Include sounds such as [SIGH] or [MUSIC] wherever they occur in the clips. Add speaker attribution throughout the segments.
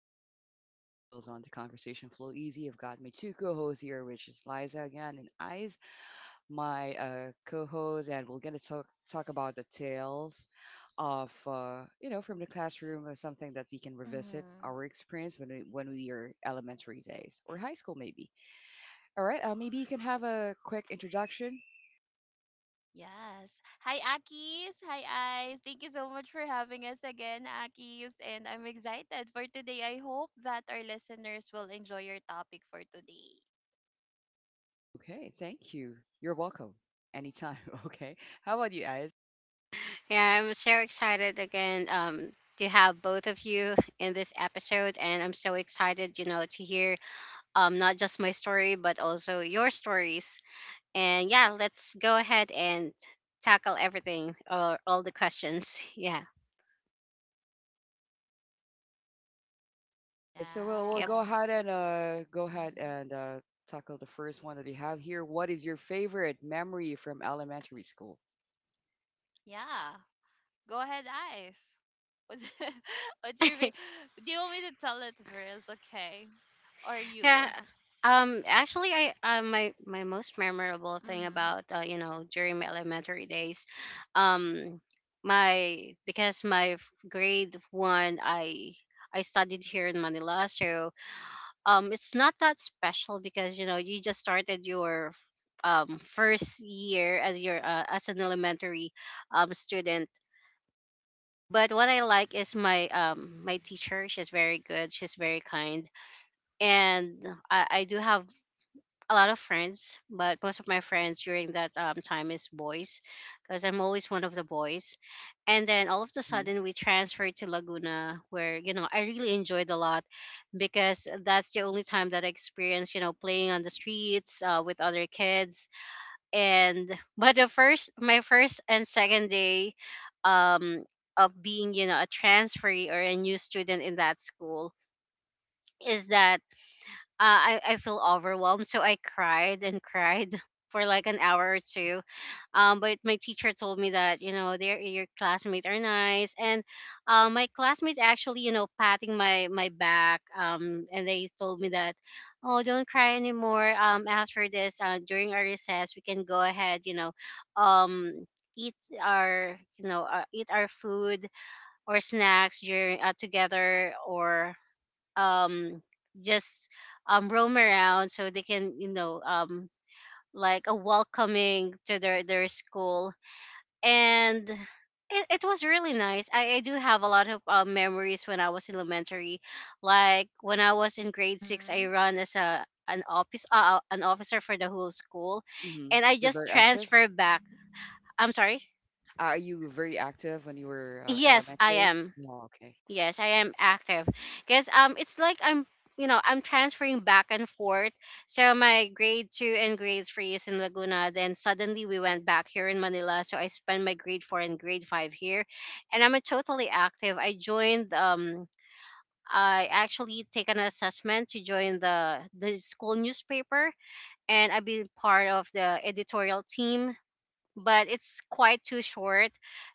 Speaker 1: you step into a chill zone. The conversation flow easy. I've got my two co-hosts here, which is Liza again and Eyes, my co-host, and we're gonna talk about the tales of from the classroom or something that we can revisit
Speaker 2: Mm-hmm.
Speaker 1: our experience when we are elementary days or high school maybe. All right, maybe you can have a quick introduction.
Speaker 2: Yes. Hi, Akis. Hi, Eyes. Thank you so much for having us again, Akis. And I'm excited for today. I hope that our listeners will enjoy your topic for today.
Speaker 1: Okay, thank you. You're welcome. Anytime. [LAUGHS] Okay. How about you, Eyes?
Speaker 3: Yeah, I'm so excited again, to have both of you in this episode, and I'm so excited, you know, to hear, not just my story but also your stories. And yeah, let's go ahead and tackle everything or all the questions. [LAUGHS] Yeah.
Speaker 1: All right, so we'll
Speaker 3: Yep.
Speaker 1: go
Speaker 2: Yes.
Speaker 1: ahead and uh go ahead
Speaker 2: Mm-hmm.
Speaker 1: and uh tackle the first one that we have here. What is your favorite memory from elementary school?
Speaker 2: Yeah. Go ahead, Eyes. What's, [LAUGHS] what's your. fa- Do you want me to tell it first? Okay. Or
Speaker 3: Yeah.
Speaker 2: you?
Speaker 3: Actually, I, my most memorable thing
Speaker 2: Mm-hmm.
Speaker 3: about, you know, during my elementary days, um, my because my grade one I studied here in Manila. So, it's not that special because you know you just started your first year as your, as an elementary, student. But what I like is my teacher. She's very good. She's very kind, and I do have a lot of friends, but most of my friends during that, time is boys, because I'm always one of the boys. And then all of a
Speaker 1: Hmm.
Speaker 3: sudden, we transferred to Laguna, where you know I really enjoyed a lot, because that's the only time that I experienced, you know, playing on the streets, with other kids. And [LAUGHS] but my first and second day, um, of being, you know, a transferee or a new student in that school is that, I feel overwhelmed. So I cried and cried [LAUGHS] for like an hour or two. But my teacher told me that, you know, their your classmates are nice. And, my classmates actually, you know, patting my back. And they told me that, oh, don't cry anymore. After this, during our recess, we can go ahead, you know, um, eat our, eat our food or snacks during, together, or um just roam around, so they can, you know, like a welcoming to their school. And it was really nice. I do have a lot of, memories when I was in elementary, like when I was in grade six
Speaker 2: Mm-hmm.
Speaker 3: I run as a an office an officer for the whole school,
Speaker 1: Hmm.
Speaker 3: and I
Speaker 1: You're
Speaker 3: just
Speaker 1: very active.
Speaker 3: transferred back. I'm sorry.
Speaker 1: Are you very active when you were
Speaker 3: Yes, I
Speaker 1: elementary?
Speaker 3: am.
Speaker 1: Yeah, okay.
Speaker 3: Yes, I am active, because, it's like I'm, you know, I'm transferring back and forth. So my grade two and grade three is in Laguna. Then suddenly we went back here in Manila. So I spent my grade four and grade five here, and I'm a totally active. I joined. I actually take an assessment to join the school newspaper, and I've been part of the editorial team, but it's quite too short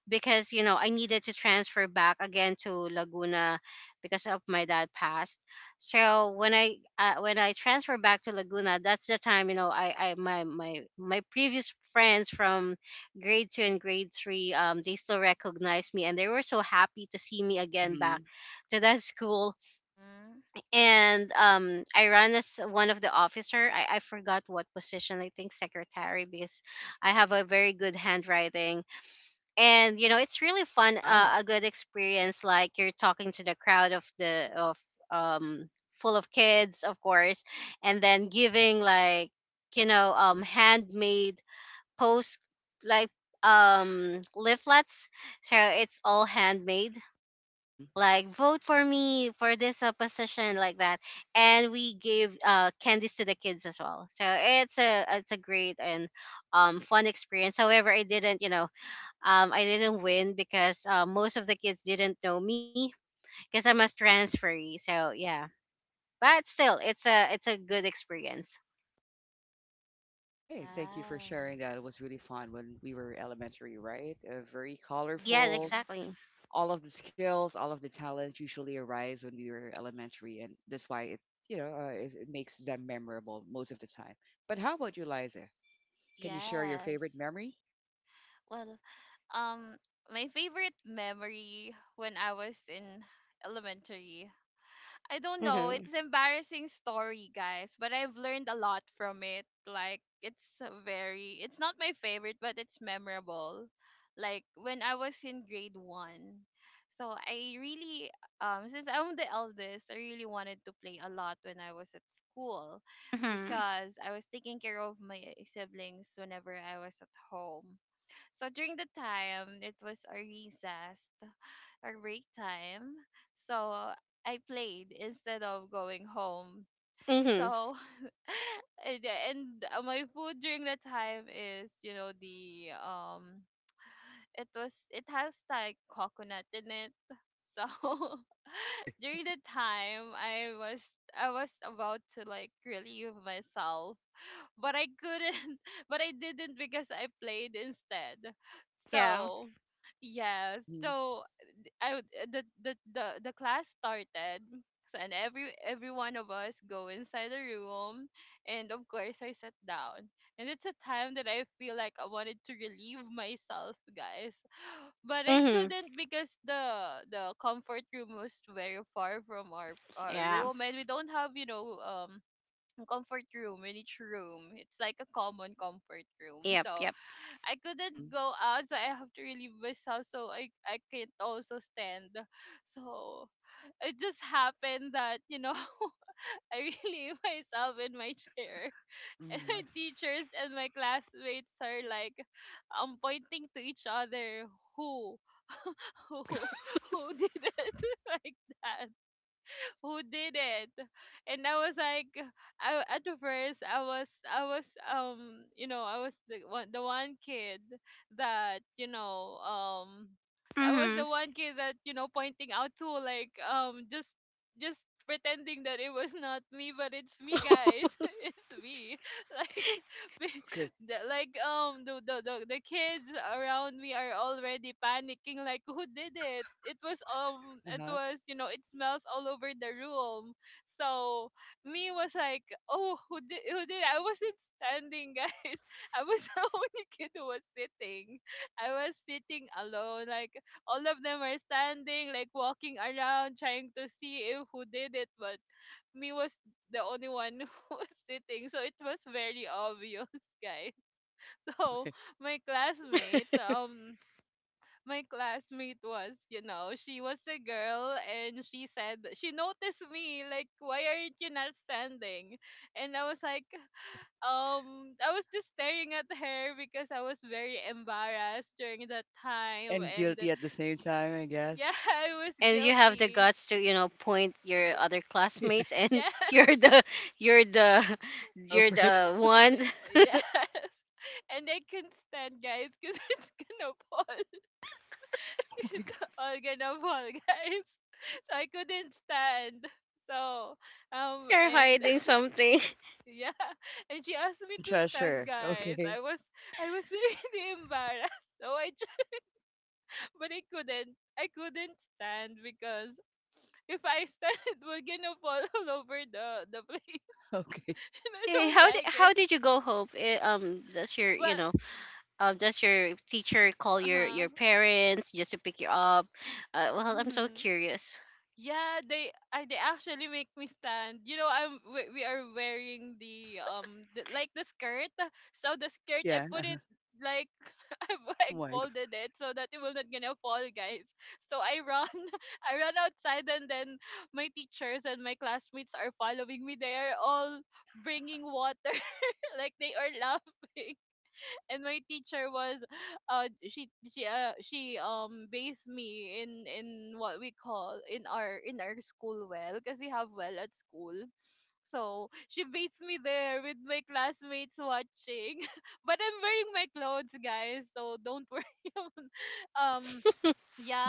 Speaker 3: because you know I needed to transfer back again to Laguna because of my dad passed. So when I, transfer back to Laguna, that's the time, you know, I my my my previous friends from grade two and grade three, they still recognized me, and they were so happy to see me again
Speaker 1: Hmm.
Speaker 3: back to that [LAUGHS] school.
Speaker 2: Mm-hmm.
Speaker 3: And, I ran as one of the officer. I forgot what position, I think secretary, because I have a very good handwriting, and you know it's really fun,
Speaker 1: Wow.
Speaker 3: a good experience, like you're talking to the crowd of, the of um full of kids, of course. And then giving, like, you know, handmade post, like, leaflets, so it's all handmade,
Speaker 1: Hmm.
Speaker 3: like vote for me for this, position like that. And we gave, candies to the kids as well, so it's a great and, fun experience. However, I didn't win, because, most of the kids didn't know me, because I'm a transferee. So yeah, but still it's a good experience.
Speaker 1: Okay, thank you for
Speaker 2: Yes.
Speaker 1: sharing that. It was really fun when we were elementary, right? Very
Speaker 3: Yes,
Speaker 1: colorful,
Speaker 2: Mm-hmm.
Speaker 3: exactly.
Speaker 1: all of the skills, all of the talents usually arise when we were elementary, and that's why it, you know, it, it makes them memorable most of the time. But how about you, Liza? Can you share your
Speaker 2: Yes.
Speaker 1: favorite memory?
Speaker 2: Well, Um, my favorite memory when I was in elementary. I don't know,
Speaker 3: Mm-hmm.
Speaker 2: it's embarrassing story, guys, but I've learned a lot from it. Like it's a very it's not my favorite, but it's memorable. Like when I was in grade 1. So I really since I'm the eldest, I really wanted to play a lot when I was at school
Speaker 3: Mm-hmm.
Speaker 2: because I was taking care of my siblings whenever I was at home. So during the time, it was our recess, our break time. So I played instead of going home.
Speaker 3: Mm-hmm.
Speaker 2: So [LAUGHS] and my food during the time is, the it has like coconut in it. So
Speaker 1: Okay.
Speaker 2: [LAUGHS] during the time, I was about to like relieve myself, but I couldn't, [LAUGHS] but I didn't because I played instead.
Speaker 3: Yeah.
Speaker 2: So, yeah,
Speaker 1: Mm-hmm.
Speaker 2: so the the class started. So, and every one of us go inside the room, and of course I sat down. And it's a time that I feel like I wanted to relieve myself, guys. But I
Speaker 3: Mm-hmm.
Speaker 2: couldn't because the comfort room was very far from our
Speaker 3: Yeah.
Speaker 2: room, and we don't have comfort room in each room. It's like a common comfort room.
Speaker 3: Yep.
Speaker 2: So
Speaker 3: Yep.
Speaker 2: I
Speaker 1: Mm-hmm.
Speaker 2: couldn't go out, so I have to really myself. So I can't also stand. So it just happened that [LAUGHS] I really myself in my chair. And my
Speaker 1: Mm-hmm.
Speaker 2: teachers and my classmates are like pointing to each other, who who
Speaker 1: Okay.
Speaker 2: [LAUGHS] who did it [LAUGHS] like that, who did it. And I was like, at the first, I was I was you know I was the one kid that you know I was
Speaker 3: Mm-hmm.
Speaker 2: the one kid that pointing out to, like, just pretending that it was not me, but it's me, guys, [LAUGHS] it's me. [LAUGHS] Like
Speaker 1: [LAUGHS] Okay.
Speaker 2: the, the kids around me are already panicking, like who did it. It was,
Speaker 1: Uh huh.
Speaker 2: it smells all over the room. So me was like, oh, who did I wasn't standing, guys. [LAUGHS] I was the [LAUGHS] only kid who was sitting. I was sitting alone. Like, all of them are standing, like walking around trying to see if who did it, but me was the only one [LAUGHS] who was sitting, so it was very obvious, [LAUGHS] guys. [LAUGHS] So
Speaker 1: Okay.
Speaker 2: my classmate um my classmate was, she was a girl, and she said she noticed me, like, why aren't you not standing? And I was like,
Speaker 1: Okay.
Speaker 2: I was just staring at her because I was very embarrassed during that time.
Speaker 1: And
Speaker 2: And
Speaker 1: guilty at the same time, I
Speaker 2: yeah,
Speaker 1: guess.
Speaker 2: [LAUGHS] I was
Speaker 3: And you have the
Speaker 2: guilty.
Speaker 3: guts to, you know, point your other
Speaker 1: [LAUGHS] Yeah.
Speaker 3: classmates, and
Speaker 2: Yes.
Speaker 3: [LAUGHS] you're
Speaker 2: [LAUGHS]
Speaker 3: the you're the you're
Speaker 1: Culprit.
Speaker 3: the one. [LAUGHS]
Speaker 2: Yeah, yes. [LAUGHS] And I couldn't stand, guys, because [LAUGHS] it's gonna fall,
Speaker 1: [LAUGHS] Oh
Speaker 2: [LAUGHS]
Speaker 1: my god.
Speaker 2: it's Olga Nabol, guys. [LAUGHS] So I couldn't stand. So
Speaker 3: You're
Speaker 2: and [LAUGHS]
Speaker 3: hiding something.
Speaker 2: yeah, and she asked me
Speaker 1: Then
Speaker 2: to stand,
Speaker 1: treasure.
Speaker 2: guys.
Speaker 1: Okay.
Speaker 2: I was [LAUGHS] really embarrassed. So I tried, but I couldn't. I couldn't stand because if I stand, [LAUGHS] it will gonna fall all over the place,
Speaker 1: Okay.
Speaker 2: [LAUGHS] and
Speaker 3: [LAUGHS]
Speaker 2: I
Speaker 3: Hey,
Speaker 2: don't
Speaker 3: how did
Speaker 2: like it.
Speaker 3: how did you go home? Does your, you
Speaker 2: Well,
Speaker 3: know, does your teacher call
Speaker 2: uh
Speaker 3: your parents just to pick you up? Well, I'm so
Speaker 2: huh.
Speaker 3: curious.
Speaker 2: Yeah, they actually make me stand. You know, we are wearing the skirt. So the skirt I
Speaker 1: Yeah.
Speaker 2: put it like [LAUGHS] I've
Speaker 1: [LAUGHS] Oh
Speaker 2: like
Speaker 1: my god.
Speaker 2: folded it so that it will not gonna fall, guys. So I run, [LAUGHS] I run outside, and then my teachers and my classmates are following me. They are all bringing water, [LAUGHS] like they are laughing. And my teacher was she based me in what we call in our school well because we have well at school. So she based me there with my classmates watching, [LAUGHS] but I'm wearing my clothes, guys, so don't worry [LAUGHS] about that. um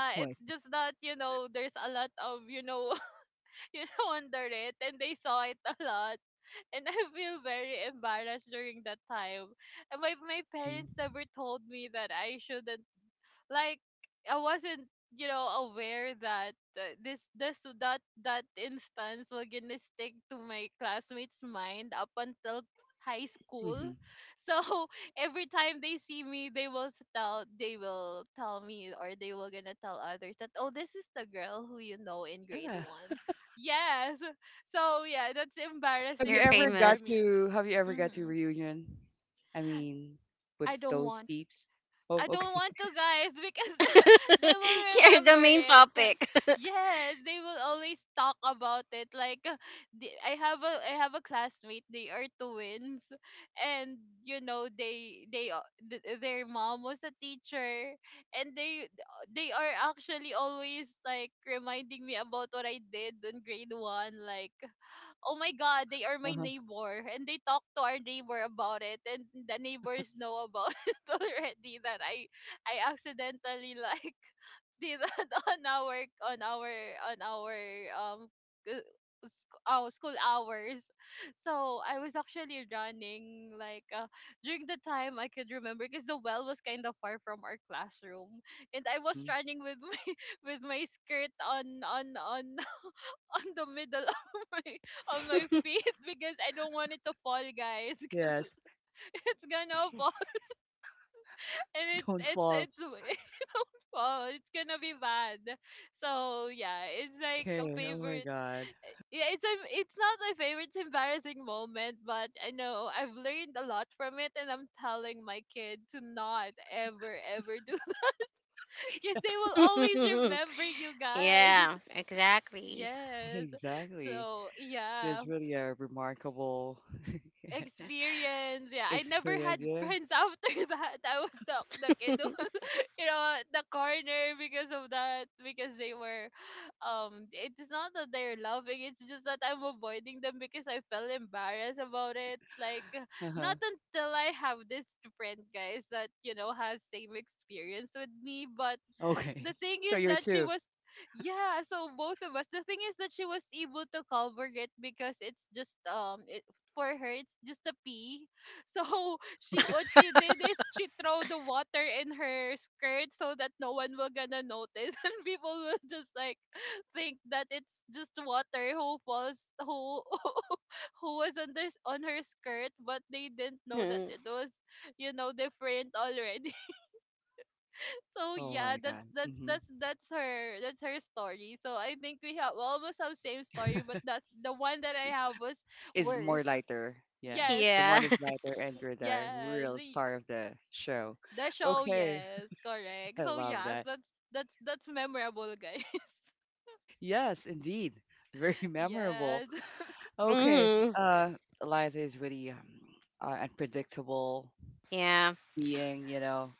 Speaker 1: Oh
Speaker 2: it's
Speaker 1: my.
Speaker 2: just that, there's a lot of, [LAUGHS] under it, and they saw it a lot. [LAUGHS] And I feel very embarrassed during that time. And my
Speaker 1: Mm-hmm.
Speaker 2: parents never told me that I shouldn't like I wasn't, aware that, this this that instance was gonna stick to my classmates' mind up until high
Speaker 1: Mm-hmm.
Speaker 2: school. So [LAUGHS] every time they see me, they will tell me, or they will gonna tell others that, oh, this is the girl who, in grade
Speaker 1: Yeah.
Speaker 2: one. [LAUGHS] Yes. So yeah, that's
Speaker 1: Have you
Speaker 3: You're
Speaker 2: embarrassing
Speaker 1: ever
Speaker 2: thing for
Speaker 1: got
Speaker 3: famous.
Speaker 2: me.
Speaker 1: to have you ever got to
Speaker 2: Mm-hmm.
Speaker 1: reunion? I mean, with
Speaker 2: I don't
Speaker 1: those peeps? Oh,
Speaker 2: I don't
Speaker 1: okay.
Speaker 2: want to,
Speaker 1: [LAUGHS]
Speaker 2: guys, because [LAUGHS] they
Speaker 3: [LAUGHS]
Speaker 2: will
Speaker 3: You're the
Speaker 2: remember
Speaker 3: main
Speaker 2: it.
Speaker 3: topic.
Speaker 2: Yes, they will always talk about it. Like, I have a classmate. They are twins, and their mom was a teacher, and they are actually always, like, reminding me about what I did in grade one. Like, oh my god, they are my
Speaker 1: Uh-huh.
Speaker 2: neighbor. And they talk to our neighbor about it. And the neighbors know about [LAUGHS] it already that I accidentally, like, [LAUGHS] did that on our on our on our um g- our school hours. So I was actually running, like, during the time I could remember because the well was kind of far from our classroom. And I was
Speaker 1: Hmm.
Speaker 2: running with my [LAUGHS] with my skirt on [LAUGHS] on the middle [LAUGHS] of my feet because I don't want it to fall, guys. [LAUGHS] 'Cause
Speaker 1: Yes.
Speaker 2: it's gonna fall, [LAUGHS] and
Speaker 1: [LAUGHS]
Speaker 2: it's
Speaker 1: Don't
Speaker 2: it's
Speaker 1: fall.
Speaker 2: it's [LAUGHS] wow, it's gonna be bad. So yeah, it's like a
Speaker 1: Okay. Oh my
Speaker 2: favorite.
Speaker 1: God.
Speaker 2: Yeah, it's not my favorite embarrassing moment, but I know I've learned a lot from it, and I'm telling my kid to not ever ever do [LAUGHS]
Speaker 1: [LAUGHS]
Speaker 2: because they
Speaker 1: Yes.
Speaker 2: will always
Speaker 3: [LAUGHS]
Speaker 2: remember you, guys. [LAUGHS]
Speaker 3: Yeah, exactly.
Speaker 1: [LAUGHS]
Speaker 2: Yes.
Speaker 1: Exactly.
Speaker 2: So yeah.
Speaker 1: That's really a remarkable [LAUGHS]
Speaker 2: Experience. Yeah, I never had
Speaker 1: experience, yeah.
Speaker 2: friends [LAUGHS] after that. I was the kid who was, [LAUGHS] at the corner because of that. Because they were, it's not that they're laughing. It's just that I'm avoiding them because I felt embarrassed about it. Like,
Speaker 1: Uh-huh.
Speaker 2: not until I have this friend, guys, that has same experience with me, but the
Speaker 1: Okay.
Speaker 2: thing
Speaker 1: So
Speaker 2: is
Speaker 1: you're
Speaker 2: that she
Speaker 1: two.
Speaker 2: was. Yeah, so both of us, the thing is that she was able to cover it because it's just, for her, it's just a pee. So [LAUGHS]
Speaker 1: [LAUGHS]
Speaker 2: she
Speaker 1: Okay.
Speaker 2: what she did is she throw the water in her skirt so that no one will gonna notice, [LAUGHS] and people will just, like, think that it's just water who falls, who [LAUGHS] who was on this on her skirt, but they didn't know that it was, different already. So
Speaker 1: Oh
Speaker 2: yeah,
Speaker 1: my God. Mm-hmm.
Speaker 2: that's her story. So I think we almost have same story, but that's the one that I have was
Speaker 1: It's more
Speaker 2: worse. [LAUGHS]
Speaker 1: lighter. Yeah.
Speaker 3: [LAUGHS]
Speaker 2: Yes,
Speaker 1: The
Speaker 3: Yeah.
Speaker 1: one is
Speaker 3: [LAUGHS]
Speaker 1: lighter and you're the
Speaker 2: yes,
Speaker 1: real star of the show.
Speaker 2: the show.
Speaker 1: Okay.
Speaker 2: Yes,
Speaker 1: [LAUGHS]
Speaker 2: correct.
Speaker 1: I
Speaker 2: So
Speaker 1: love
Speaker 2: yes,
Speaker 1: that.
Speaker 2: that's memorable, guys.
Speaker 1: Yes, indeed. Very [LAUGHS]
Speaker 2: [LAUGHS]
Speaker 1: memorable.
Speaker 2: Yes.
Speaker 1: Okay.
Speaker 3: Mhm.
Speaker 1: Uh, Eliza is really unpredictable
Speaker 3: Yeah.
Speaker 1: being,
Speaker 2: [LAUGHS]
Speaker 1: you know.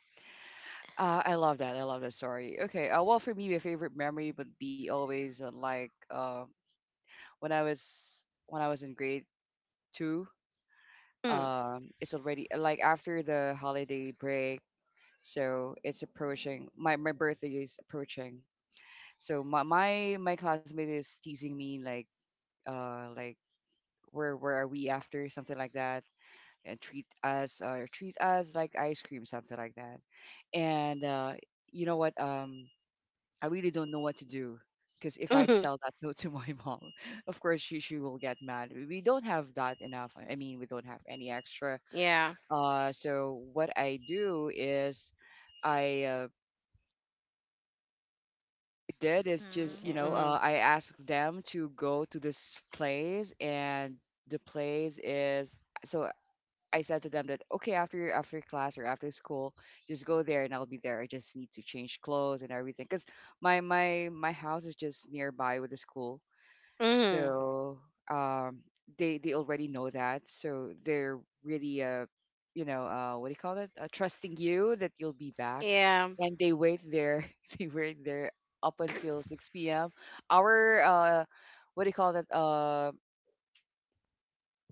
Speaker 1: I love that. I love that story. Okay. Well, for me, my favorite memory would be always when I was in grade two.
Speaker 3: Mm.
Speaker 1: It's already like after the holiday break, so it's approaching. My birthday is approaching. So my classmate is teasing me like uh like where are we after something like that, and treat us like ice cream something like that, and you know what, I really don't know what to do, because if I
Speaker 3: Mhm.
Speaker 1: tell that to my [LAUGHS] mom, of course she will get mad. We don't have that enough. I mean we don't have any extra.
Speaker 3: Yeah.
Speaker 1: So what I did is just
Speaker 2: Mhm.
Speaker 1: you know
Speaker 3: Mhm.
Speaker 1: I asked them to go to this place, and the place is, so I said to them that okay after class or after school, just go there and I'll be there. I just need to change clothes and everything because my house is just nearby with the school,
Speaker 3: Mhm.
Speaker 1: so um they already know that, so they're really what do you call it, trusting you that you'll be back,
Speaker 3: Yeah. Mhm.
Speaker 1: and they wait there [LAUGHS] they wait there up until six p.m. Our what do you call that?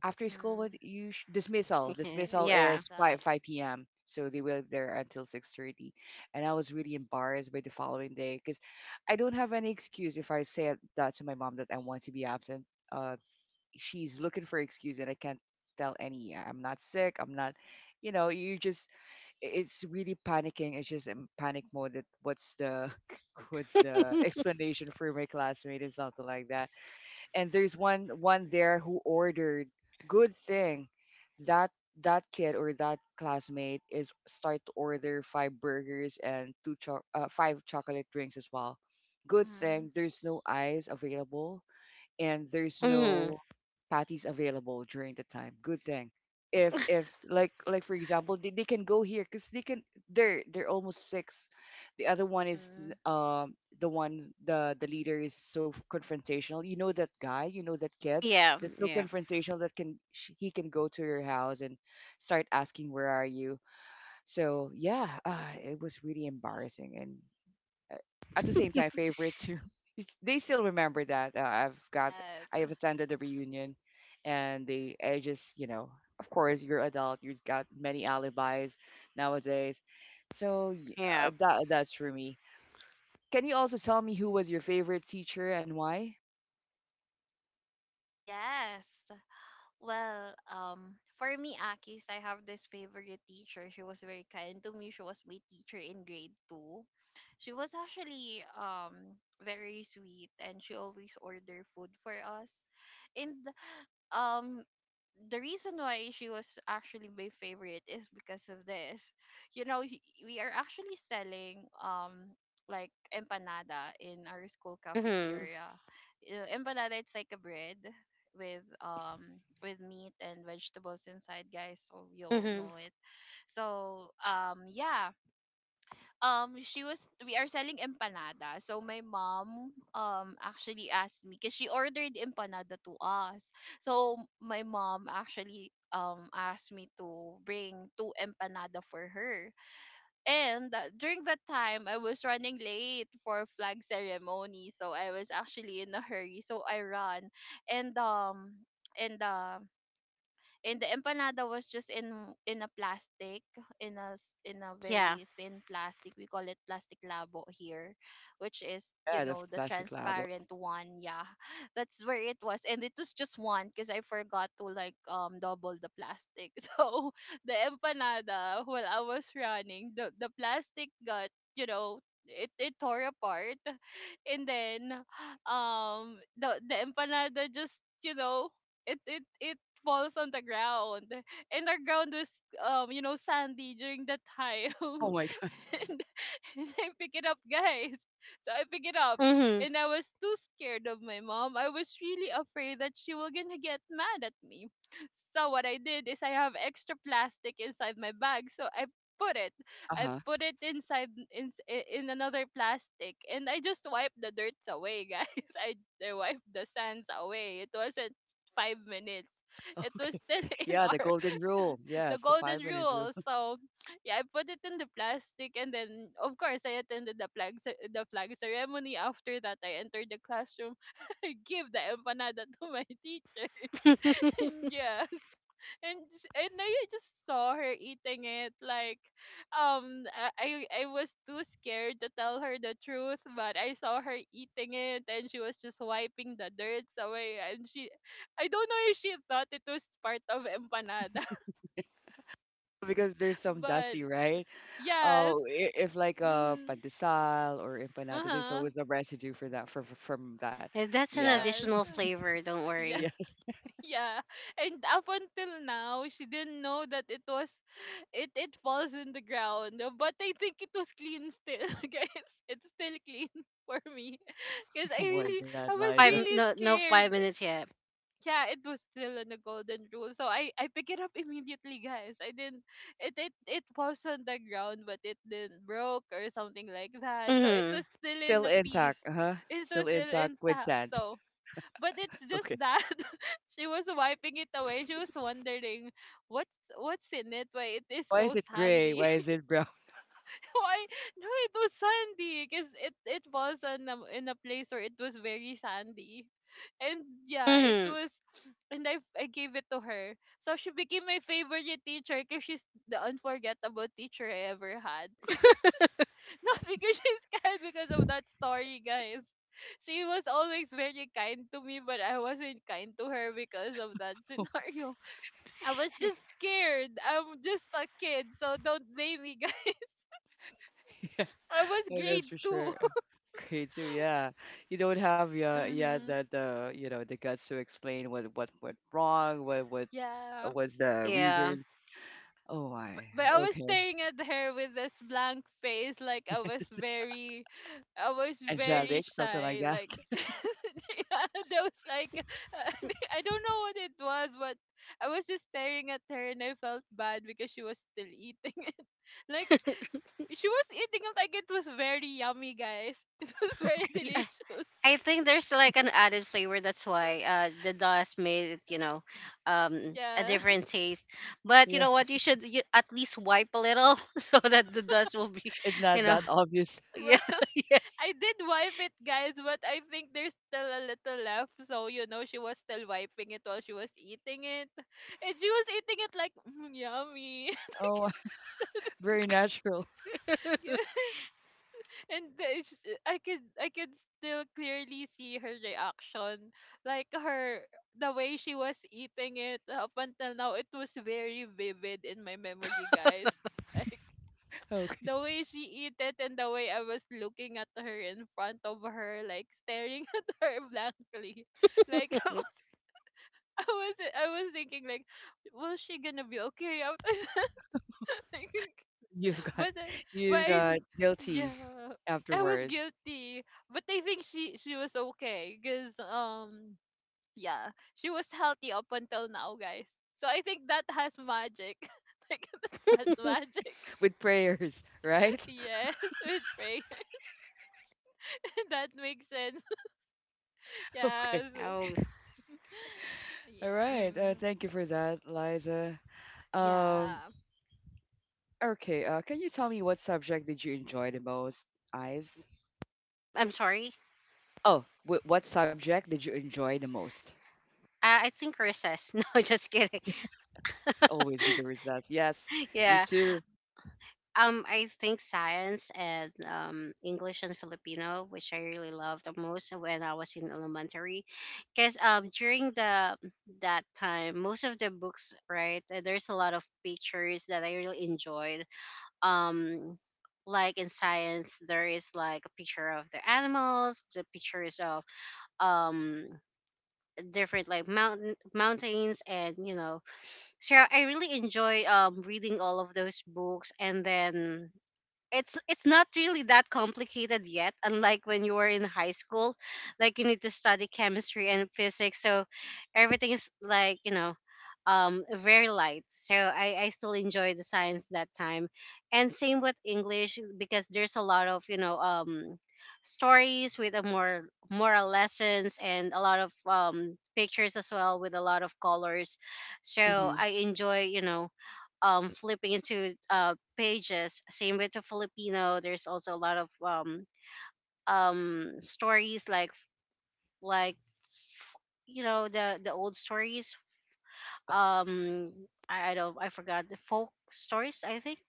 Speaker 1: After school,
Speaker 2: Mhm.
Speaker 1: dismissal. Dismissal
Speaker 2: It's
Speaker 3: Yeah.
Speaker 1: is
Speaker 2: messed up.
Speaker 1: five p.m. So they were there until 6:30, and I was really embarrassed by the following day because I don't have any excuse if I say that to my mom that I want to be absent. Uh, she's looking for excuse, and I can't tell any. "Yeah, I'm not sick. I'm not. You know, you just it's really panicking. It's just in panic mode. That what's the [LAUGHS] what's the explanation for my classmate and something like that, and there's one there who ordered. Good thing that that kid or that classmate is start to order five burgers and five chocolate drinks as well. Good
Speaker 2: Mhm.
Speaker 1: thing there's no ice available and there's
Speaker 3: Mhm.
Speaker 1: no patties available during the time. Good thing. If for example, they can go here because they're almost six. The other one is
Speaker 2: Mhm.
Speaker 1: the one the leader is so confrontational. You know that guy, you know that kid
Speaker 3: Yeah.
Speaker 1: that's so
Speaker 3: Yeah.
Speaker 1: confrontational that he can go to your house and start asking where are you. So yeah, it was really embarrassing, and uh, at the same time favorite too. [LAUGHS] They still remember that
Speaker 2: Yes.
Speaker 1: I have attended the reunion, and they I just, of course you're adult, you've got many alibis nowadays, so
Speaker 3: Yeah.
Speaker 1: that's for me. Can you also tell me who was your favorite teacher and why?
Speaker 2: Yes. Well, for me, Akis, I have this favorite teacher. She was very kind to me. She was my teacher in grade two. She was actually very sweet, and she always order food for us. And um, the reason why she was actually my favorite is because of this. We are actually selling like empanada in our school
Speaker 3: Mhm.
Speaker 2: cafeteria. Empanada it's like a bread with meat and vegetables inside, guys, so you'll
Speaker 3: Mhm.
Speaker 2: know it. so um yeah she was We are selling empanada, so my mom actually asked me, because she ordered empanada to us. So my mom actually asked me to bring two empanada for her. And during that time, I was running late for flag ceremony, so I was actually in a hurry, so I run. And um and um and the empanada was just in, a plastic, in in a
Speaker 3: Yeah.
Speaker 2: very thin plastic. We call it plastic labo here, which is,
Speaker 1: Yeah, the
Speaker 2: the
Speaker 1: plastic lab.
Speaker 2: transparent one. Yeah, [LAUGHS] that's where it was, and it was just one because I forgot to, double the plastic. [LAUGHS] So the empanada, while I was running, the plastic got, you know it tore apart. And then the empanada just, it falls on the ground. And the ground was, sandy during that time. [LAUGHS] [LAUGHS]
Speaker 1: Oh my
Speaker 2: and,
Speaker 1: god. [LAUGHS]
Speaker 2: and I pick it up, guys. So I pick it up,
Speaker 3: Mhm.
Speaker 2: and I was too scared of my mom. I was really afraid that she was gonna get mad at me. So what I did is I have extra plastic inside my bag, so I put it.
Speaker 1: Uh
Speaker 2: I
Speaker 1: huh.
Speaker 2: put it inside, in another plastic, and I just wiped the dirt away, guys. [LAUGHS] I, I wiped the sands away. It wasn't 5 minutes. It was
Speaker 1: Okay.
Speaker 2: still [LAUGHS] in
Speaker 1: Yeah, the
Speaker 2: our
Speaker 1: golden rule.
Speaker 2: [LAUGHS] the
Speaker 1: Yes, the
Speaker 2: golden
Speaker 1: 5 minutes rule.
Speaker 2: rule. So yeah, I put it in the plastic, and then of course I attended the flag ceremony. After that, I entered the classroom. [LAUGHS] I give the empanada to my teacher. [LAUGHS] And
Speaker 3: [LAUGHS]
Speaker 2: yes, and I just saw her eating it. Like, um, I was too scared to tell her the truth, but I saw her eating it, and she was just wiping the dirt away. And she, I don't know if she thought it was part of empanada.
Speaker 1: [LAUGHS] Because there's
Speaker 2: [LAUGHS]
Speaker 1: some
Speaker 2: But
Speaker 1: dusty, right?
Speaker 2: yes.
Speaker 1: Oh, if like a
Speaker 2: Mm-hmm.
Speaker 1: pandesal or empanada, there's
Speaker 2: Uh-huh.
Speaker 1: always a residue for that from that.
Speaker 3: And that's an
Speaker 1: Yeah.
Speaker 2: Yes.
Speaker 3: additional flavor. Don't
Speaker 2: Yeah,
Speaker 3: worry.
Speaker 1: Yes. [LAUGHS]
Speaker 2: [LAUGHS] yeah. And up until now, she didn't know that it was, it falls in the ground. But I think it was clean still, [LAUGHS] guys. It's still clean [LAUGHS] for me. [LAUGHS] Because I
Speaker 1: Oh my
Speaker 2: really,
Speaker 1: God,
Speaker 2: I was
Speaker 1: Liza.
Speaker 3: Five.
Speaker 2: really
Speaker 3: No. No. Five
Speaker 2: scared.
Speaker 3: minutes yet.
Speaker 2: Yeah, it was still on the golden rule. So I pick it up [LAUGHS] immediately, guys. I didn't, it was on the ground, but it didn't broke or something like that. So it
Speaker 3: Mhm.
Speaker 2: was still in
Speaker 1: Still
Speaker 2: a piece.
Speaker 1: intact, huh.
Speaker 2: [LAUGHS] It was
Speaker 1: Still
Speaker 2: still
Speaker 1: intact with
Speaker 2: intact.
Speaker 1: sand.
Speaker 2: So, but
Speaker 1: [LAUGHS]
Speaker 2: it's
Speaker 1: Okay.
Speaker 2: just that [LAUGHS] she was wiping it away. She was wondering what's in it. Why it is
Speaker 1: Why is
Speaker 2: so
Speaker 1: it gray?
Speaker 2: sandy?
Speaker 1: Why is
Speaker 2: [LAUGHS]
Speaker 1: it brown?
Speaker 2: Why? No? It was sandy because it was on a, in a place where it was very sandy, and yeah, it
Speaker 3: Mhm.
Speaker 2: was. And I gave it to her, so she became my favorite teacher, because she's the unforgettable teacher I ever had. [LAUGHS] Because, [LAUGHS] not because she's kind, because of that story, guys. She was always very kind to me, but I wasn't kind to her because of that [LAUGHS] scenario. I was just scared. I'm just a kid, so don't blame me, guys.
Speaker 1: [LAUGHS]
Speaker 2: [LAUGHS] I was
Speaker 1: Yeah,
Speaker 2: grade
Speaker 1: that's for
Speaker 2: two.
Speaker 1: sure. Gray too, yeah. You don't have,
Speaker 2: [LAUGHS]
Speaker 1: yeah, yeah,
Speaker 2: Mm-hmm.
Speaker 1: the you know the guts to explain what went wrong, what
Speaker 2: Yeah.
Speaker 1: was the
Speaker 3: Yeah.
Speaker 1: reason. Oh my.
Speaker 2: But I was
Speaker 1: Okay.
Speaker 2: staring at her with this blank face, like,
Speaker 1: [LAUGHS] Yes.
Speaker 2: I was very
Speaker 1: Angelic, something like
Speaker 2: shy.
Speaker 1: that.
Speaker 2: Like,
Speaker 1: [LAUGHS]
Speaker 2: [LAUGHS] yeah, that was like, [LAUGHS] I don't know what it was, but I was just staring at her, and I felt bad because she was still eating [LAUGHS] it. Like, she was eating it like it was very yummy, guys. [LAUGHS] It was very
Speaker 3: [LAUGHS]
Speaker 2: delicious.
Speaker 3: I think there's like an added flavor. That's why, the dust made it, you know, a
Speaker 2: Yeah. [LAUGHS]
Speaker 3: different taste. But you
Speaker 1: Yeah.
Speaker 3: know what? You at least wipe a little, [LAUGHS] so that the dust will be,
Speaker 1: It's
Speaker 3: you
Speaker 1: not
Speaker 3: know,
Speaker 1: that obvious.
Speaker 3: [LAUGHS] yeah,
Speaker 2: Well,
Speaker 3: [LAUGHS] yes.
Speaker 2: I did wipe it, guys, but I think there's still a little left. So, she was still wiping it while she was eating it. [LAUGHS] And she was eating it like, "Mm, yummy."
Speaker 1: Oh, [LAUGHS] very natural. [LAUGHS]
Speaker 2: [LAUGHS] Yes. And the- it's I could still clearly see her reaction. Like, her, the way she was eating it, up until now, it was very vivid in my memory, guys. [LAUGHS]
Speaker 1: Okay.
Speaker 2: The way she ate it and the way I was looking at her in front of her, like staring [LAUGHS] at her blankly. Like, [LAUGHS] I was thinking, like, was she gonna be okay after that? [LAUGHS] Like,
Speaker 1: You've got
Speaker 2: but I- but
Speaker 1: you've
Speaker 2: I,
Speaker 1: got guilty
Speaker 2: yeah. I was
Speaker 1: afterwards
Speaker 2: guilty. But I think she was okay because, yeah, she was healthy up until now, guys. So I think that has magic. [LAUGHS] Like, that has magic.
Speaker 1: with prayers, [LAUGHS]
Speaker 2: [LAUGHS]
Speaker 1: right?
Speaker 2: Yes, with prayer. [LAUGHS] That makes sense.
Speaker 1: [LAUGHS] Okay.
Speaker 2: Yes.
Speaker 3: Oh,
Speaker 2: [LAUGHS]
Speaker 1: All
Speaker 2: Yeah.
Speaker 1: right.
Speaker 2: Mm.
Speaker 1: Thank you for that, Liza. Um,
Speaker 2: Yeah.
Speaker 1: okay. Can you tell me what subject did you enjoy the most, Eyes?
Speaker 3: I'm sorry.
Speaker 1: Oh, what subject did you enjoy the most?
Speaker 3: I think recess. [LAUGHS] No, just kidding. [LAUGHS]
Speaker 1: Always be the results. Yes, me
Speaker 3: Yeah.
Speaker 1: too.
Speaker 3: I think science and, English and Filipino, which I really loved the most when I was in elementary, because, during the that time, most of the books, right, there's a lot of pictures that I really enjoyed. Um, like in science, there is like a picture of the animals, the pictures of, um different, like mountains, and you know, so I really enjoy, reading all of those books, and then it's not really that complicated yet, unlike when you were in high school, like you need to study chemistry and physics, so everything is like, you know, very light. So i still enjoy the science that time. And same with english, because there's a lot of, you know, stories with a more moral lessons, and a lot of, pictures as well, with a lot of colors. So
Speaker 1: Mm-hmm.
Speaker 3: I enjoy, you know, flipping into, pages. Same with the Filipino. There's also a lot of, stories, like, you know, the old stories. Um, I don't I forgot the folk stories, I think.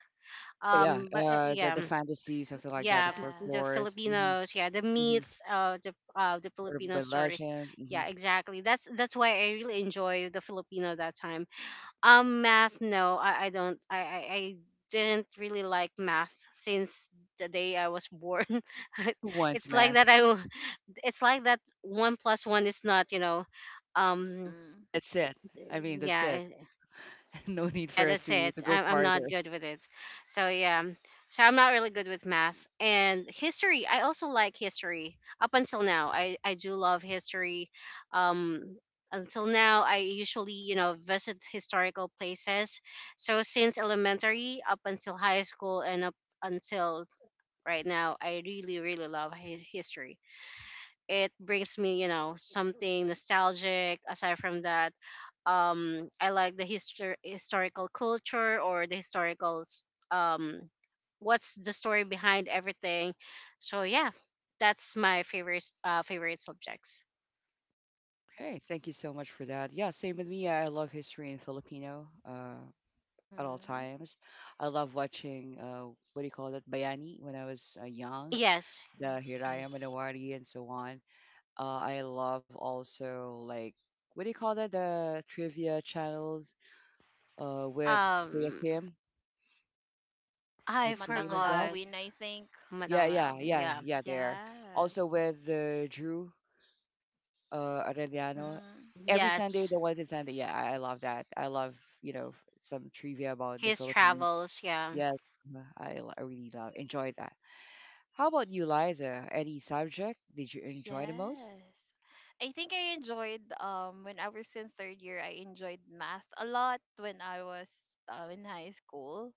Speaker 1: Oh, yeah.
Speaker 3: But
Speaker 1: Uh, the
Speaker 3: Yeah.
Speaker 1: the fantasy, something like that.
Speaker 3: Yeah,
Speaker 1: The
Speaker 2: Yeah.
Speaker 3: the
Speaker 1: folklores. Mm-hmm.
Speaker 3: Filipinos, yeah, the
Speaker 1: Mm-hmm.
Speaker 3: myths, the Filipino
Speaker 1: Urban
Speaker 3: stories,
Speaker 1: legends. Mm-hmm.
Speaker 3: yeah, exactly. That's why I really enjoy the Filipino that time. Math, no, I don't. I didn't really like math since the day I was born. [LAUGHS] I-
Speaker 1: Who wants
Speaker 3: it's like
Speaker 1: math?
Speaker 3: that. It's like that. One plus one is not. You know. Um.
Speaker 2: Mm-hmm.
Speaker 1: That's it. I mean, that's
Speaker 3: Yeah.
Speaker 1: it. [LAUGHS] No need
Speaker 3: Yeah,
Speaker 1: for us
Speaker 3: that's
Speaker 1: to,
Speaker 3: it.
Speaker 1: to go
Speaker 3: I'm not
Speaker 1: farther.
Speaker 3: good with it. So yeah, so I'm not really good with math and history. I also like history up until now. I do love history. Um, until now, I usually, you know, visit historical places. So since elementary up until high school and up until right now, I really really love history. It brings me, you know, something nostalgic. Aside from that, I like the history historical culture, or the um what's the story behind everything. So yeah, that's my favorite, favorite subjects.
Speaker 1: Okay, thank you so much for that. Yeah, same with me. I love history in Filipino, at all
Speaker 2: Mm-hmm.
Speaker 1: times. I love watching, what do you call it, Bayani when I was young,
Speaker 3: Yes,
Speaker 1: the Hiraya Manawari and so on. I love also, like, what do you call that, the trivia channels, with Kuya
Speaker 3: um
Speaker 1: Kim?
Speaker 2: Yeah,
Speaker 3: I
Speaker 1: What's the name of that?
Speaker 3: forgot.
Speaker 2: Matanglawin, I think.
Speaker 1: Yeah,
Speaker 3: Madang Lao.
Speaker 1: yeah, yeah,
Speaker 3: Yeah.
Speaker 1: yeah, there. Also
Speaker 2: Yes.
Speaker 1: with Drew Arellano.
Speaker 2: Mm-hmm.
Speaker 1: Every Sunday,
Speaker 3: Yes,
Speaker 1: the ones in Sunday. Yeah, I love that. I love, you know, some trivia about the
Speaker 3: his
Speaker 1: Philippines.
Speaker 3: travels. Yeah.
Speaker 1: Yeah, I really love, enjoy that. How about you, Liza? Any subject did you enjoy the most?
Speaker 2: Yes. I think I enjoyed, when I was in third year, I enjoyed math a lot when I was, in high school.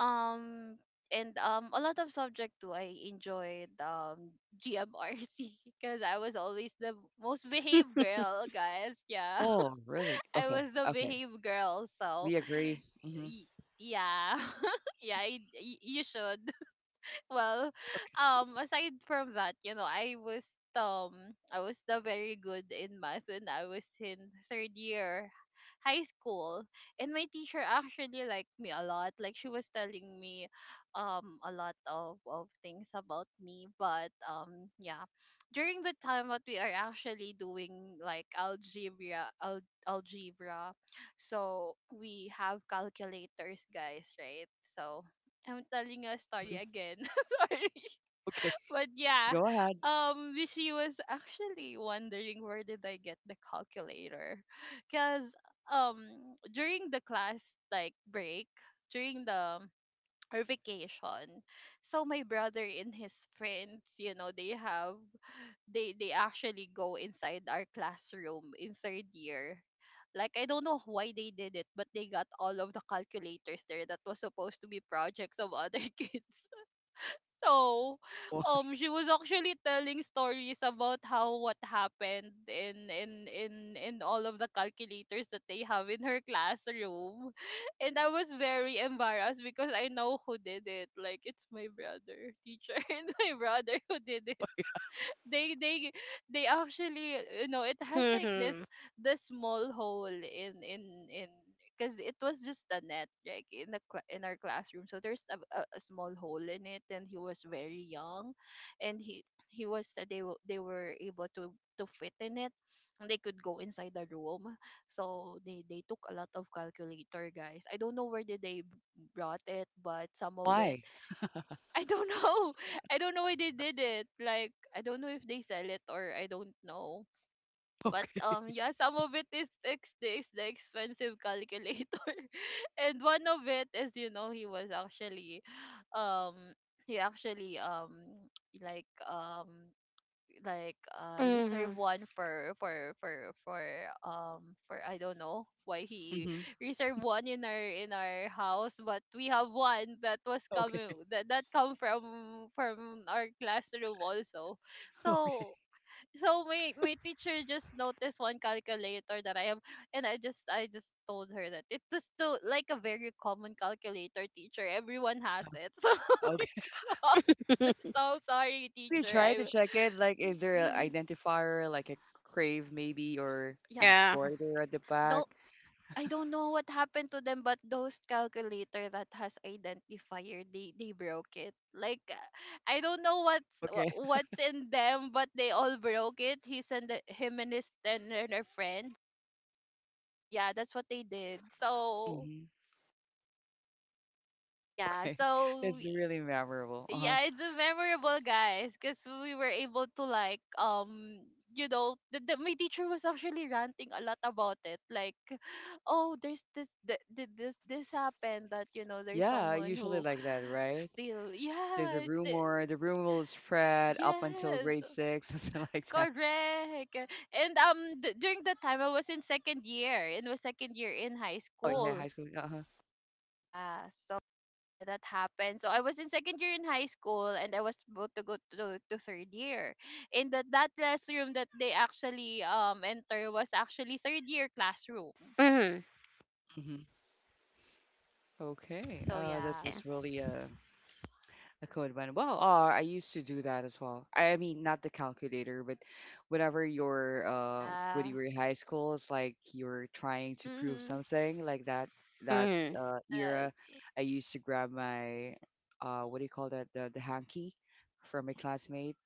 Speaker 2: Um and a lot of subject too. I enjoyed GMRC [LAUGHS] because I was always the most behaved
Speaker 3: [LAUGHS]
Speaker 2: girl, guys. Yeah.
Speaker 1: Oh, really?
Speaker 2: I
Speaker 1: Okay,
Speaker 2: was the
Speaker 1: okay.
Speaker 2: behave girl. So
Speaker 1: We agree. Hmm.
Speaker 2: y- yeah, [LAUGHS] yeah, you should. [LAUGHS] Well, aside from that, you know, I was the very good in math when I was in third year high school, and my teacher actually liked me a lot. Like, she was telling me, a lot of things about me. But yeah, during the time that we are actually doing like algebra, algebra, so we have calculators, guys, right? So I'm telling a story again. [LAUGHS] Sorry.
Speaker 1: Okay,
Speaker 2: But yeah,
Speaker 1: go ahead.
Speaker 2: she was actually wondering where did I get the calculator, because, um during the class like break, during the her vacation, so my brother and his friends, you know, they actually go inside our classroom in third year. Like, I don't know why they did it, but they got all of the calculators there that was supposed to be projects of other [LAUGHS] kids. So,
Speaker 1: Wh-
Speaker 2: she was actually telling stories about how, what happened in all of the calculators that they have in her classroom, [LAUGHS] and I was very embarrassed because I know who did it. Like, it's my brother, teacher, [LAUGHS] and my brother who did it. they they they actually, you know, it has like
Speaker 3: Hmm.
Speaker 2: this small hole in, because it was just a net, like in the cla in our classroom, so there's, a small hole in it, and he was very young, and he was they were able to fit in it, and they could go inside the room, so they took a lot of calculator, guys. I don't know where did they brought it, but some of it.
Speaker 1: Why? [LAUGHS]
Speaker 2: I don't know. [LAUGHS] I don't know why they did it. Like, I don't know if they sell it, or I don't know. But
Speaker 1: Okay.
Speaker 2: um yeah, some of it is ex is the expensive calculator. [LAUGHS] And one of it is, you know, um he actually, like um reserve
Speaker 3: Hmm.
Speaker 2: one for, I don't know why he
Speaker 1: Hmm.
Speaker 2: [LAUGHS] reserved one in our house, but we have one that was
Speaker 1: Okay.
Speaker 2: coming that come from our classroom also.
Speaker 1: [LAUGHS] Okay.
Speaker 2: So so my teacher just noticed one calculator that I have, and I just told her that it was still like a very common calculator, teacher, everyone has it. [LAUGHS] So,
Speaker 1: Okay.
Speaker 2: like, [LAUGHS] I'm
Speaker 3: [LAUGHS]
Speaker 2: so sorry,
Speaker 1: We
Speaker 2: teacher.
Speaker 1: try to
Speaker 2: I
Speaker 1: check it. Like, is there an identifier, like a crave maybe, or
Speaker 2: [LAUGHS] Yeah,
Speaker 3: Yeah.
Speaker 1: embroider at the
Speaker 2: though,
Speaker 1: back?
Speaker 2: I don't know what happened to them, but those calculator that has identifier, they broke it. Like, I don't know
Speaker 1: Okay.
Speaker 2: what's in them, but they all broke it. He sent the, him and his and their friend. So yeah, that's what they did. So
Speaker 1: Hmm.
Speaker 2: yeah,
Speaker 1: Okay. [LAUGHS] It's really memorable. Uh-huh.
Speaker 2: it's a memorable, guys, because we were able to, like, you know, my teacher was actually ranting a lot about it, like, oh, there's this th- th- this happened, that, you know, there's
Speaker 1: Yeah,
Speaker 2: someone
Speaker 1: usually
Speaker 2: who
Speaker 1: like that,
Speaker 2: [SIGHS]
Speaker 1: right?
Speaker 2: still,
Speaker 1: There's a
Speaker 2: yeah,
Speaker 1: rumor, the rumor will spread up until grade
Speaker 2: yes,
Speaker 1: six, [LAUGHS] something like that.
Speaker 2: correct. And during the time I was in second year, and was second year in high
Speaker 1: Oh yeah,
Speaker 2: school.
Speaker 1: high school. Uh-huh.
Speaker 2: Yeah, so yeah, that happened. So I was in second year in high school, and I was about to go to, third year. And that classroom that they actually enter was actually third year classroom.
Speaker 3: Hmm.
Speaker 1: Hmm. Okay.
Speaker 2: So
Speaker 1: This
Speaker 2: yeah.
Speaker 3: Yeah.
Speaker 1: was really a code one. Well, I used to do that as well. I mean, not the calculator, but when
Speaker 2: Yeah.
Speaker 1: you were in high school, it's like you're trying to prove
Speaker 2: Mhm.
Speaker 1: something like that. That
Speaker 3: Hmm.
Speaker 2: Yes.
Speaker 1: era, I used to grab my what do you call that, the hanky from a classmate.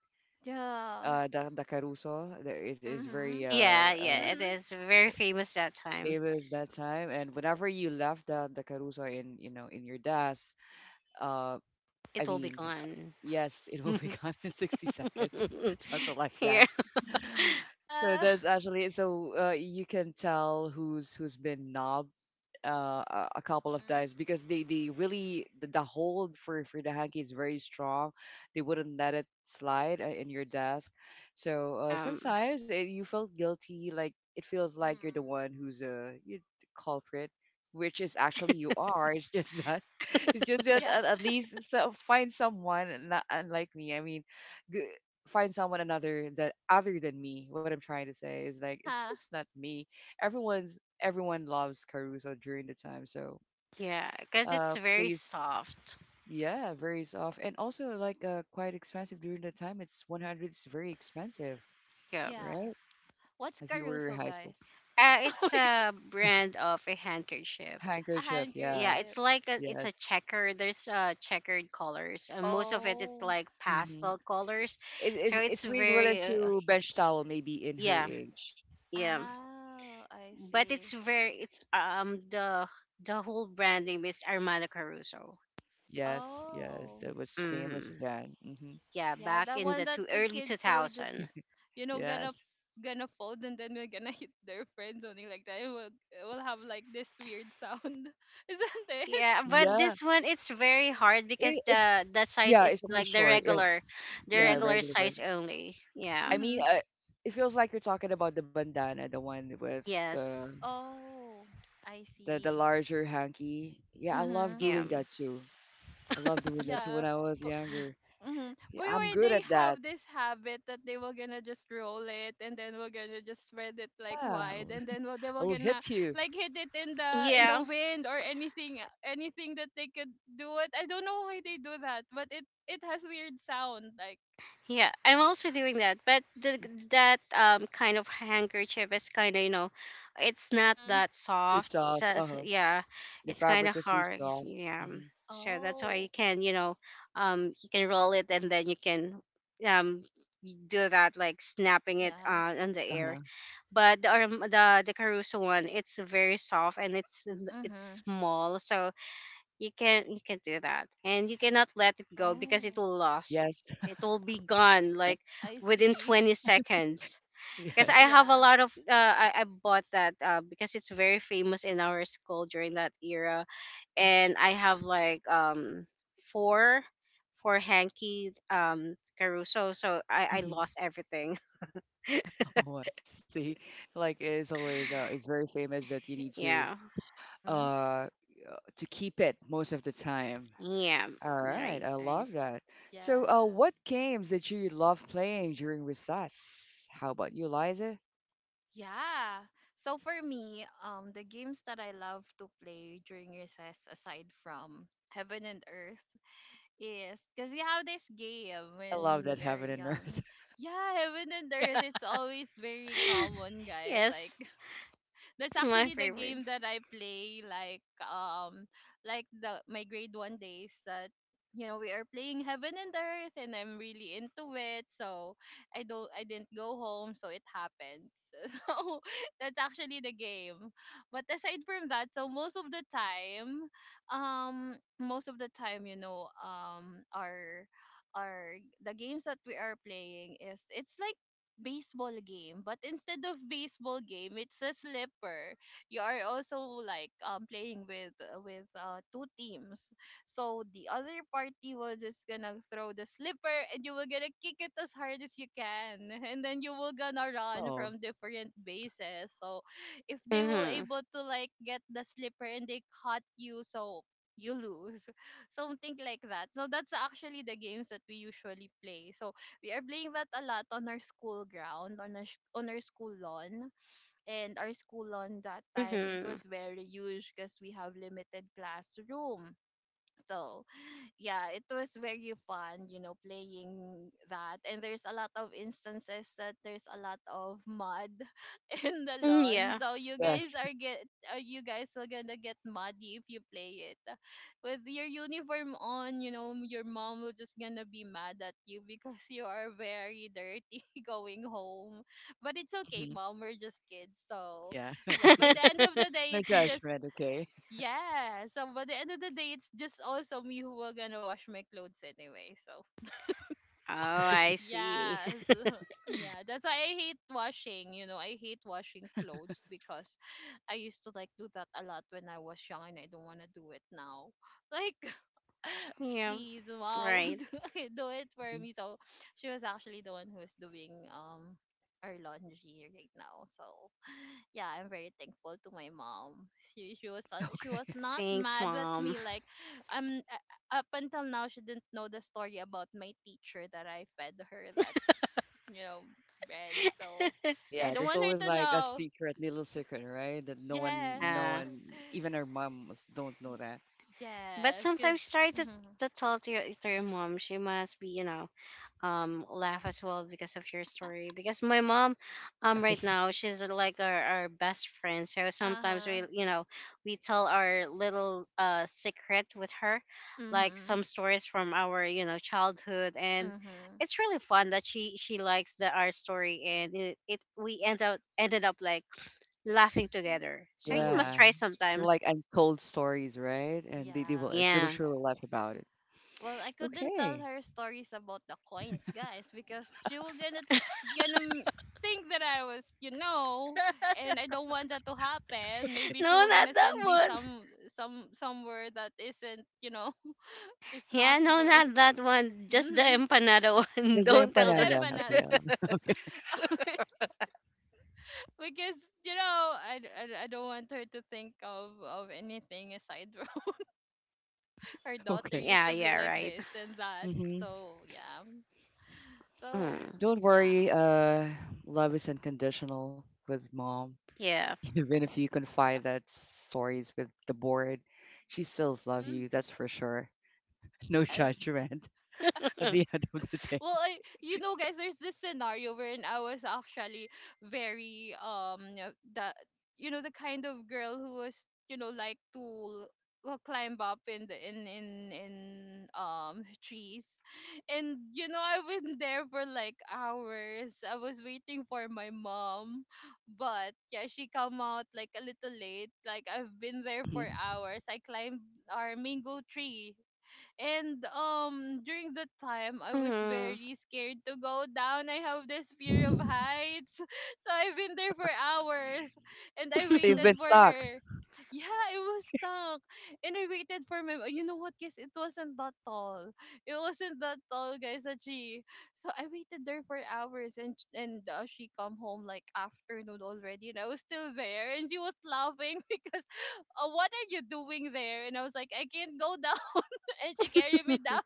Speaker 2: Yeah.
Speaker 1: The Caruso that is very
Speaker 2: Mhm.
Speaker 3: Yeah,
Speaker 1: uh
Speaker 3: yeah, it
Speaker 2: Mhm.
Speaker 3: is very famous that time.
Speaker 1: famous that time. And whenever you left the Caruso in, you know, in your desk, uh,
Speaker 3: It
Speaker 1: I
Speaker 3: will be
Speaker 1: mean,
Speaker 3: gone.
Speaker 1: yes, it [LAUGHS] will be gone in 60 seconds, [LAUGHS]
Speaker 3: [LAUGHS]
Speaker 1: something like
Speaker 3: Yeah.
Speaker 1: that. So
Speaker 2: Yeah. [LAUGHS]
Speaker 1: that's actually you can tell who's been knob, a couple of
Speaker 2: Mhm.
Speaker 1: times because they really the hold for the hanky is very strong. They wouldn't let it slide, in your desk. So
Speaker 3: Um,
Speaker 1: sometimes you felt guilty, like it feels like you're the
Speaker 2: Mhm.
Speaker 1: one who's a you, culprit, which is actually you are. [LAUGHS] It's just that [LAUGHS] it's just that
Speaker 2: Yeah.
Speaker 1: at
Speaker 2: [LAUGHS]
Speaker 1: least so, find someone not unlike me. I mean. G- Find someone another that other than me. What I'm trying to say is, like, it's
Speaker 2: Uh-huh.
Speaker 1: just not me. Everyone loves Caruso during the time. So
Speaker 3: yeah, because it's very
Speaker 1: please,
Speaker 3: soft.
Speaker 1: yeah, varies off. And also, like, quite expensive during the time. It's 100. It's very expensive,
Speaker 3: Yeah.
Speaker 1: right?
Speaker 2: Yes. What's
Speaker 1: If you were
Speaker 2: Caruso,
Speaker 1: high school
Speaker 2: guys? [LAUGHS] Oh my
Speaker 3: It's
Speaker 2: god.
Speaker 3: a brand of a handkerchief.
Speaker 2: A
Speaker 1: handkerchief,
Speaker 3: Yeah,
Speaker 1: yeah,
Speaker 2: handkerchief.
Speaker 3: it's
Speaker 1: yes.
Speaker 3: a checker. There's, checkered colors. And most of it, it's
Speaker 2: Oh.
Speaker 3: like
Speaker 1: Mm-hmm.
Speaker 3: pastel colors.
Speaker 1: It
Speaker 3: So
Speaker 1: is.
Speaker 3: it's
Speaker 1: It's way equivalent
Speaker 3: very,
Speaker 1: to bench towel, maybe in her
Speaker 3: yeah,
Speaker 1: age.
Speaker 3: yeah.
Speaker 2: Oh, I
Speaker 3: But it's
Speaker 2: see.
Speaker 3: very it's the whole brand name is Armada Caruso.
Speaker 1: Yes, yes,
Speaker 2: Oh,
Speaker 1: that was famous
Speaker 3: Mhm.
Speaker 1: then. Hmm.
Speaker 3: Yeah,
Speaker 2: yeah,
Speaker 3: back
Speaker 2: the
Speaker 3: in
Speaker 2: one
Speaker 3: the
Speaker 2: that
Speaker 3: two
Speaker 2: the
Speaker 3: early
Speaker 2: kids will
Speaker 3: 2000.
Speaker 2: just,
Speaker 1: [LAUGHS]
Speaker 2: you know, gonna,
Speaker 1: Yes.
Speaker 2: fold and then we're gonna [LAUGHS] hit their friends, something like that. It will have like this weird sound, [LAUGHS] isn't it?
Speaker 3: Yeah, but
Speaker 1: Yeah.
Speaker 3: this one, it's very hard, because
Speaker 1: It is.
Speaker 3: the size
Speaker 1: Yeah, it's
Speaker 3: is
Speaker 1: only
Speaker 3: like
Speaker 1: short. Yeah,
Speaker 3: the
Speaker 1: yeah,
Speaker 3: regular
Speaker 2: Mhm.
Speaker 1: regular one.
Speaker 3: size only. Yeah.
Speaker 1: I mean,
Speaker 2: Mhm.
Speaker 1: uh, it feels like you're talking about the bandana, the one with uh,
Speaker 3: Yes.
Speaker 2: Oh, I
Speaker 1: the the
Speaker 2: see.
Speaker 1: larger hanky. Yeah, I love
Speaker 2: Mhm.
Speaker 3: Yeah,
Speaker 1: doing that too. I love doing that too
Speaker 2: Yeah.
Speaker 1: when I was younger.
Speaker 2: Mm-hmm.
Speaker 1: Yeah,
Speaker 2: By
Speaker 1: I'm
Speaker 2: the
Speaker 1: good
Speaker 2: They
Speaker 1: at that.
Speaker 2: have this habit that they were gonna just roll it and then we're gonna just spread it like
Speaker 1: Yeah,
Speaker 2: wide, and then they
Speaker 1: I
Speaker 2: were
Speaker 1: will hit
Speaker 2: gonna
Speaker 1: you.
Speaker 2: like hit it in the
Speaker 3: yeah.
Speaker 2: wind, or anything, that they could do it. I don't know why they do that, but it has weird sound, like.
Speaker 3: Yeah, I'm also doing that, but that, kind of handkerchief is kind of, you know, it's not
Speaker 2: Mm-hmm.
Speaker 3: that
Speaker 1: Too
Speaker 3: soft.
Speaker 1: soft. Uh
Speaker 3: Says
Speaker 1: huh.
Speaker 3: yeah,
Speaker 1: The
Speaker 3: it's kind
Speaker 1: fabric
Speaker 3: of
Speaker 1: was too
Speaker 3: hard.
Speaker 1: soft.
Speaker 3: Yeah,
Speaker 1: hmm
Speaker 3: so that's why you
Speaker 2: Oh
Speaker 3: can, you can roll it, and then you can, um do that like snapping it,
Speaker 2: yes.
Speaker 3: in the
Speaker 1: Uh huh.
Speaker 3: air. But the Caruso one, it's very soft, and it's
Speaker 2: Mm-hmm.
Speaker 3: it's small, so you can do that, and you cannot let it go, because
Speaker 2: Oh,
Speaker 1: Yes. [LAUGHS]
Speaker 3: it will be gone like
Speaker 2: I
Speaker 3: within
Speaker 2: see.
Speaker 3: 20
Speaker 2: [LAUGHS]
Speaker 3: seconds, because I
Speaker 1: Yes.
Speaker 3: have a
Speaker 2: Yeah.
Speaker 3: lot of, I bought that, because it's very famous in our school during that era. And I have like, four four hanky, caruso, so i
Speaker 1: Mhm.
Speaker 3: lost everything.
Speaker 1: [LAUGHS] Oh, I see, like it's always it's very famous that you need
Speaker 3: [LAUGHS] Yeah,
Speaker 2: Mm-hmm.
Speaker 1: uh to keep it most of the time.
Speaker 3: yeah.
Speaker 1: All right,
Speaker 3: Right,
Speaker 1: I
Speaker 3: right.
Speaker 1: love that. So,
Speaker 2: Yes.
Speaker 1: what games did you love playing during recess? How about you, Liza?
Speaker 2: Yeah. So for me, the games that I love to play during recess, aside from Heaven and Earth, is because we have this game
Speaker 1: I love
Speaker 2: when
Speaker 1: that
Speaker 2: we are
Speaker 1: heaven and
Speaker 2: young.
Speaker 1: earth. [LAUGHS]
Speaker 2: Yeah, Heaven and Earth. It's always very common,
Speaker 3: [LAUGHS]
Speaker 2: guys. Like,
Speaker 3: Yes,
Speaker 2: that's
Speaker 3: it's my
Speaker 2: actually the
Speaker 3: favorite.
Speaker 2: game that I play, like, the my grade 1 days that, you know, we are playing heaven and earth and I'm really into it. So I didn't go home, so it happens. [LAUGHS] So that's actually the game. But aside from that, so most of the time um most of the time you know um our our the games that we are playing is it's like baseball game, but instead of baseball game it's a slipper. You are also like playing with with two teams. So the other party will just gonna throw the slipper and you will gonna kick it as hard as you can [LAUGHS] and then you will gonna
Speaker 1: Oh,
Speaker 2: run from different bases. So if they will
Speaker 3: Mm-hmm.
Speaker 2: able to like get the slipper and they caught you, so you lose. [LAUGHS] Something like that. So that's actually the games that we usually play. So we are playing that a lot on our school ground, on on our school lawn. And our school lawn that time, it
Speaker 3: Mm-hmm.
Speaker 2: was very huge because we have limited classroom. So, yeah, it was very fun, you know, playing that. And there's a lot of instances that there's a lot of mud [LAUGHS] in the
Speaker 3: Mm,
Speaker 2: lawn.
Speaker 3: yeah.
Speaker 2: So
Speaker 1: yes.
Speaker 2: you guys are gonna get muddy if you play it. With your uniform on, you know, your mom will just gonna be mad at you because [LAUGHS] you are very dirty [LAUGHS] going home. But it's
Speaker 1: Mhm.
Speaker 2: okay, mom, we're just kids. So
Speaker 1: Yeah, [LAUGHS] we
Speaker 2: yeah, by
Speaker 1: just
Speaker 2: the end of the
Speaker 3: [LAUGHS] Oh,
Speaker 1: no
Speaker 2: day it's just
Speaker 1: judgment, okay?
Speaker 2: yeah, so, but the end of the day, it's just also me who are gonna wash my clothes anyway. So
Speaker 3: I
Speaker 1: [LAUGHS]
Speaker 3: see.
Speaker 2: yeah,
Speaker 3: [LAUGHS]
Speaker 2: so, [LAUGHS] yeah, that's why I hate washing. You know, I hate washing clothes because [SIGHS] I used to like do that a lot when I was young, and I don't wanna do it now. Like,
Speaker 3: Yeah,
Speaker 2: [LAUGHS] please, wow, [LAUGHS]
Speaker 3: right.
Speaker 2: do it for
Speaker 1: Mhm.
Speaker 2: me. So she was actually the one who's doing our laundry right now. So yeah, I'm very thankful to my mom. She was she was
Speaker 1: Okay.
Speaker 2: not
Speaker 3: Thanks,
Speaker 2: mad at
Speaker 3: mom.
Speaker 2: me. Like, um, up until now, she didn't know the story about my teacher that I fed her that, you know, bread. So
Speaker 3: [LAUGHS]
Speaker 2: yeah, I
Speaker 1: Yeah,
Speaker 2: don't
Speaker 1: there's
Speaker 2: want her
Speaker 1: always
Speaker 2: to
Speaker 1: like
Speaker 2: know.
Speaker 1: a secret, little secret, right? That no one,
Speaker 2: Yes,
Speaker 3: Yeah.
Speaker 2: [LAUGHS]
Speaker 1: even our moms don't know
Speaker 2: Y-
Speaker 1: that.
Speaker 3: But
Speaker 2: yes.
Speaker 3: sometimes try to
Speaker 2: Mm-hmm.
Speaker 3: to tell to your mom. She must be, laugh as well because of your story. Because my mom, right now,
Speaker 1: [LAUGHS]
Speaker 3: she's like our best friend, so
Speaker 2: Uh
Speaker 3: sometimes
Speaker 2: huh.
Speaker 3: we, we tell our little secret with her, like
Speaker 2: Mhm.
Speaker 3: some stories from our childhood. And
Speaker 2: Mhm.
Speaker 3: it's really fun that she likes the our story, and it we end up ended up like laughing together. So you must
Speaker 2: Mhm.
Speaker 1: Yeah.
Speaker 3: try
Speaker 1: So
Speaker 3: sometimes.
Speaker 1: like untold stories, right? And
Speaker 2: Yeah.
Speaker 1: they will
Speaker 3: Yeah.
Speaker 1: surely laugh about it.
Speaker 2: Well, I couldn't tell
Speaker 1: Okay.
Speaker 2: her stories about the coins, guys, because she was gonna think that I was, you know,
Speaker 3: [LAUGHS]
Speaker 2: and I don't want that to happen.
Speaker 1: [LAUGHS]
Speaker 2: Maybe she
Speaker 3: No,
Speaker 2: was
Speaker 3: not
Speaker 2: gonna
Speaker 3: that
Speaker 2: send me
Speaker 3: one.
Speaker 2: some somewhere that isn't, you know, [LAUGHS] it's not
Speaker 3: Yeah, no,
Speaker 2: for
Speaker 3: not that one. Just the
Speaker 2: mm-hmm.
Speaker 3: empanada [LAUGHS] one.
Speaker 1: That's the
Speaker 3: Don't tell
Speaker 1: empanada.
Speaker 3: that.
Speaker 2: December now.
Speaker 1: Okay.
Speaker 3: [LAUGHS]
Speaker 1: [LAUGHS] Okay.
Speaker 2: [LAUGHS] Because, you know, I don't want her to think of anything aside from [LAUGHS] her daughter
Speaker 1: Okay.
Speaker 2: used
Speaker 3: Yeah,
Speaker 2: to be
Speaker 3: yeah,
Speaker 2: like
Speaker 3: right.
Speaker 2: this and that.
Speaker 1: Mm-hmm.
Speaker 2: So yeah, so
Speaker 3: Mm.
Speaker 1: Don't
Speaker 2: yeah,
Speaker 1: worry. Love is unconditional with mom.
Speaker 3: Yeah.
Speaker 1: [LAUGHS] Even if you
Speaker 2: yeah.
Speaker 1: confide that stories with the board, she still loves
Speaker 2: Mhm,
Speaker 1: you. That's for sure. [LAUGHS] No
Speaker 2: yes.
Speaker 1: judgment [LAUGHS] at the
Speaker 3: [LAUGHS]
Speaker 1: end of the day.
Speaker 2: Well, I, you know, guys, there's this scenario wherein I was actually very the, you know, the kind of girl who was, you know, like to climb up in the in trees. And, you know, I've been there for like hours. I was waiting for my mom, but yeah, she come out like a little late. Like I've been there
Speaker 1: hmm
Speaker 2: for hours. I climbed our mango tree. And during that time I was
Speaker 3: mm.
Speaker 2: very scared to go down. I have this fear of
Speaker 1: [LAUGHS]
Speaker 2: heights. [LAUGHS] So I've been there for hours and I
Speaker 1: You've
Speaker 2: waited
Speaker 1: been
Speaker 3: [LAUGHS]
Speaker 2: for
Speaker 1: stuck.
Speaker 2: her. Yeah, it was stuck. And I waited for my, you know what, guys, it wasn't that tall. It wasn't that tall, guys, actually. So I waited there for hours and she come home like afternoon already and I was still there and she was laughing [LAUGHS] because, what are you doing there? And I was like, I can't go down [LAUGHS] and she carried me down.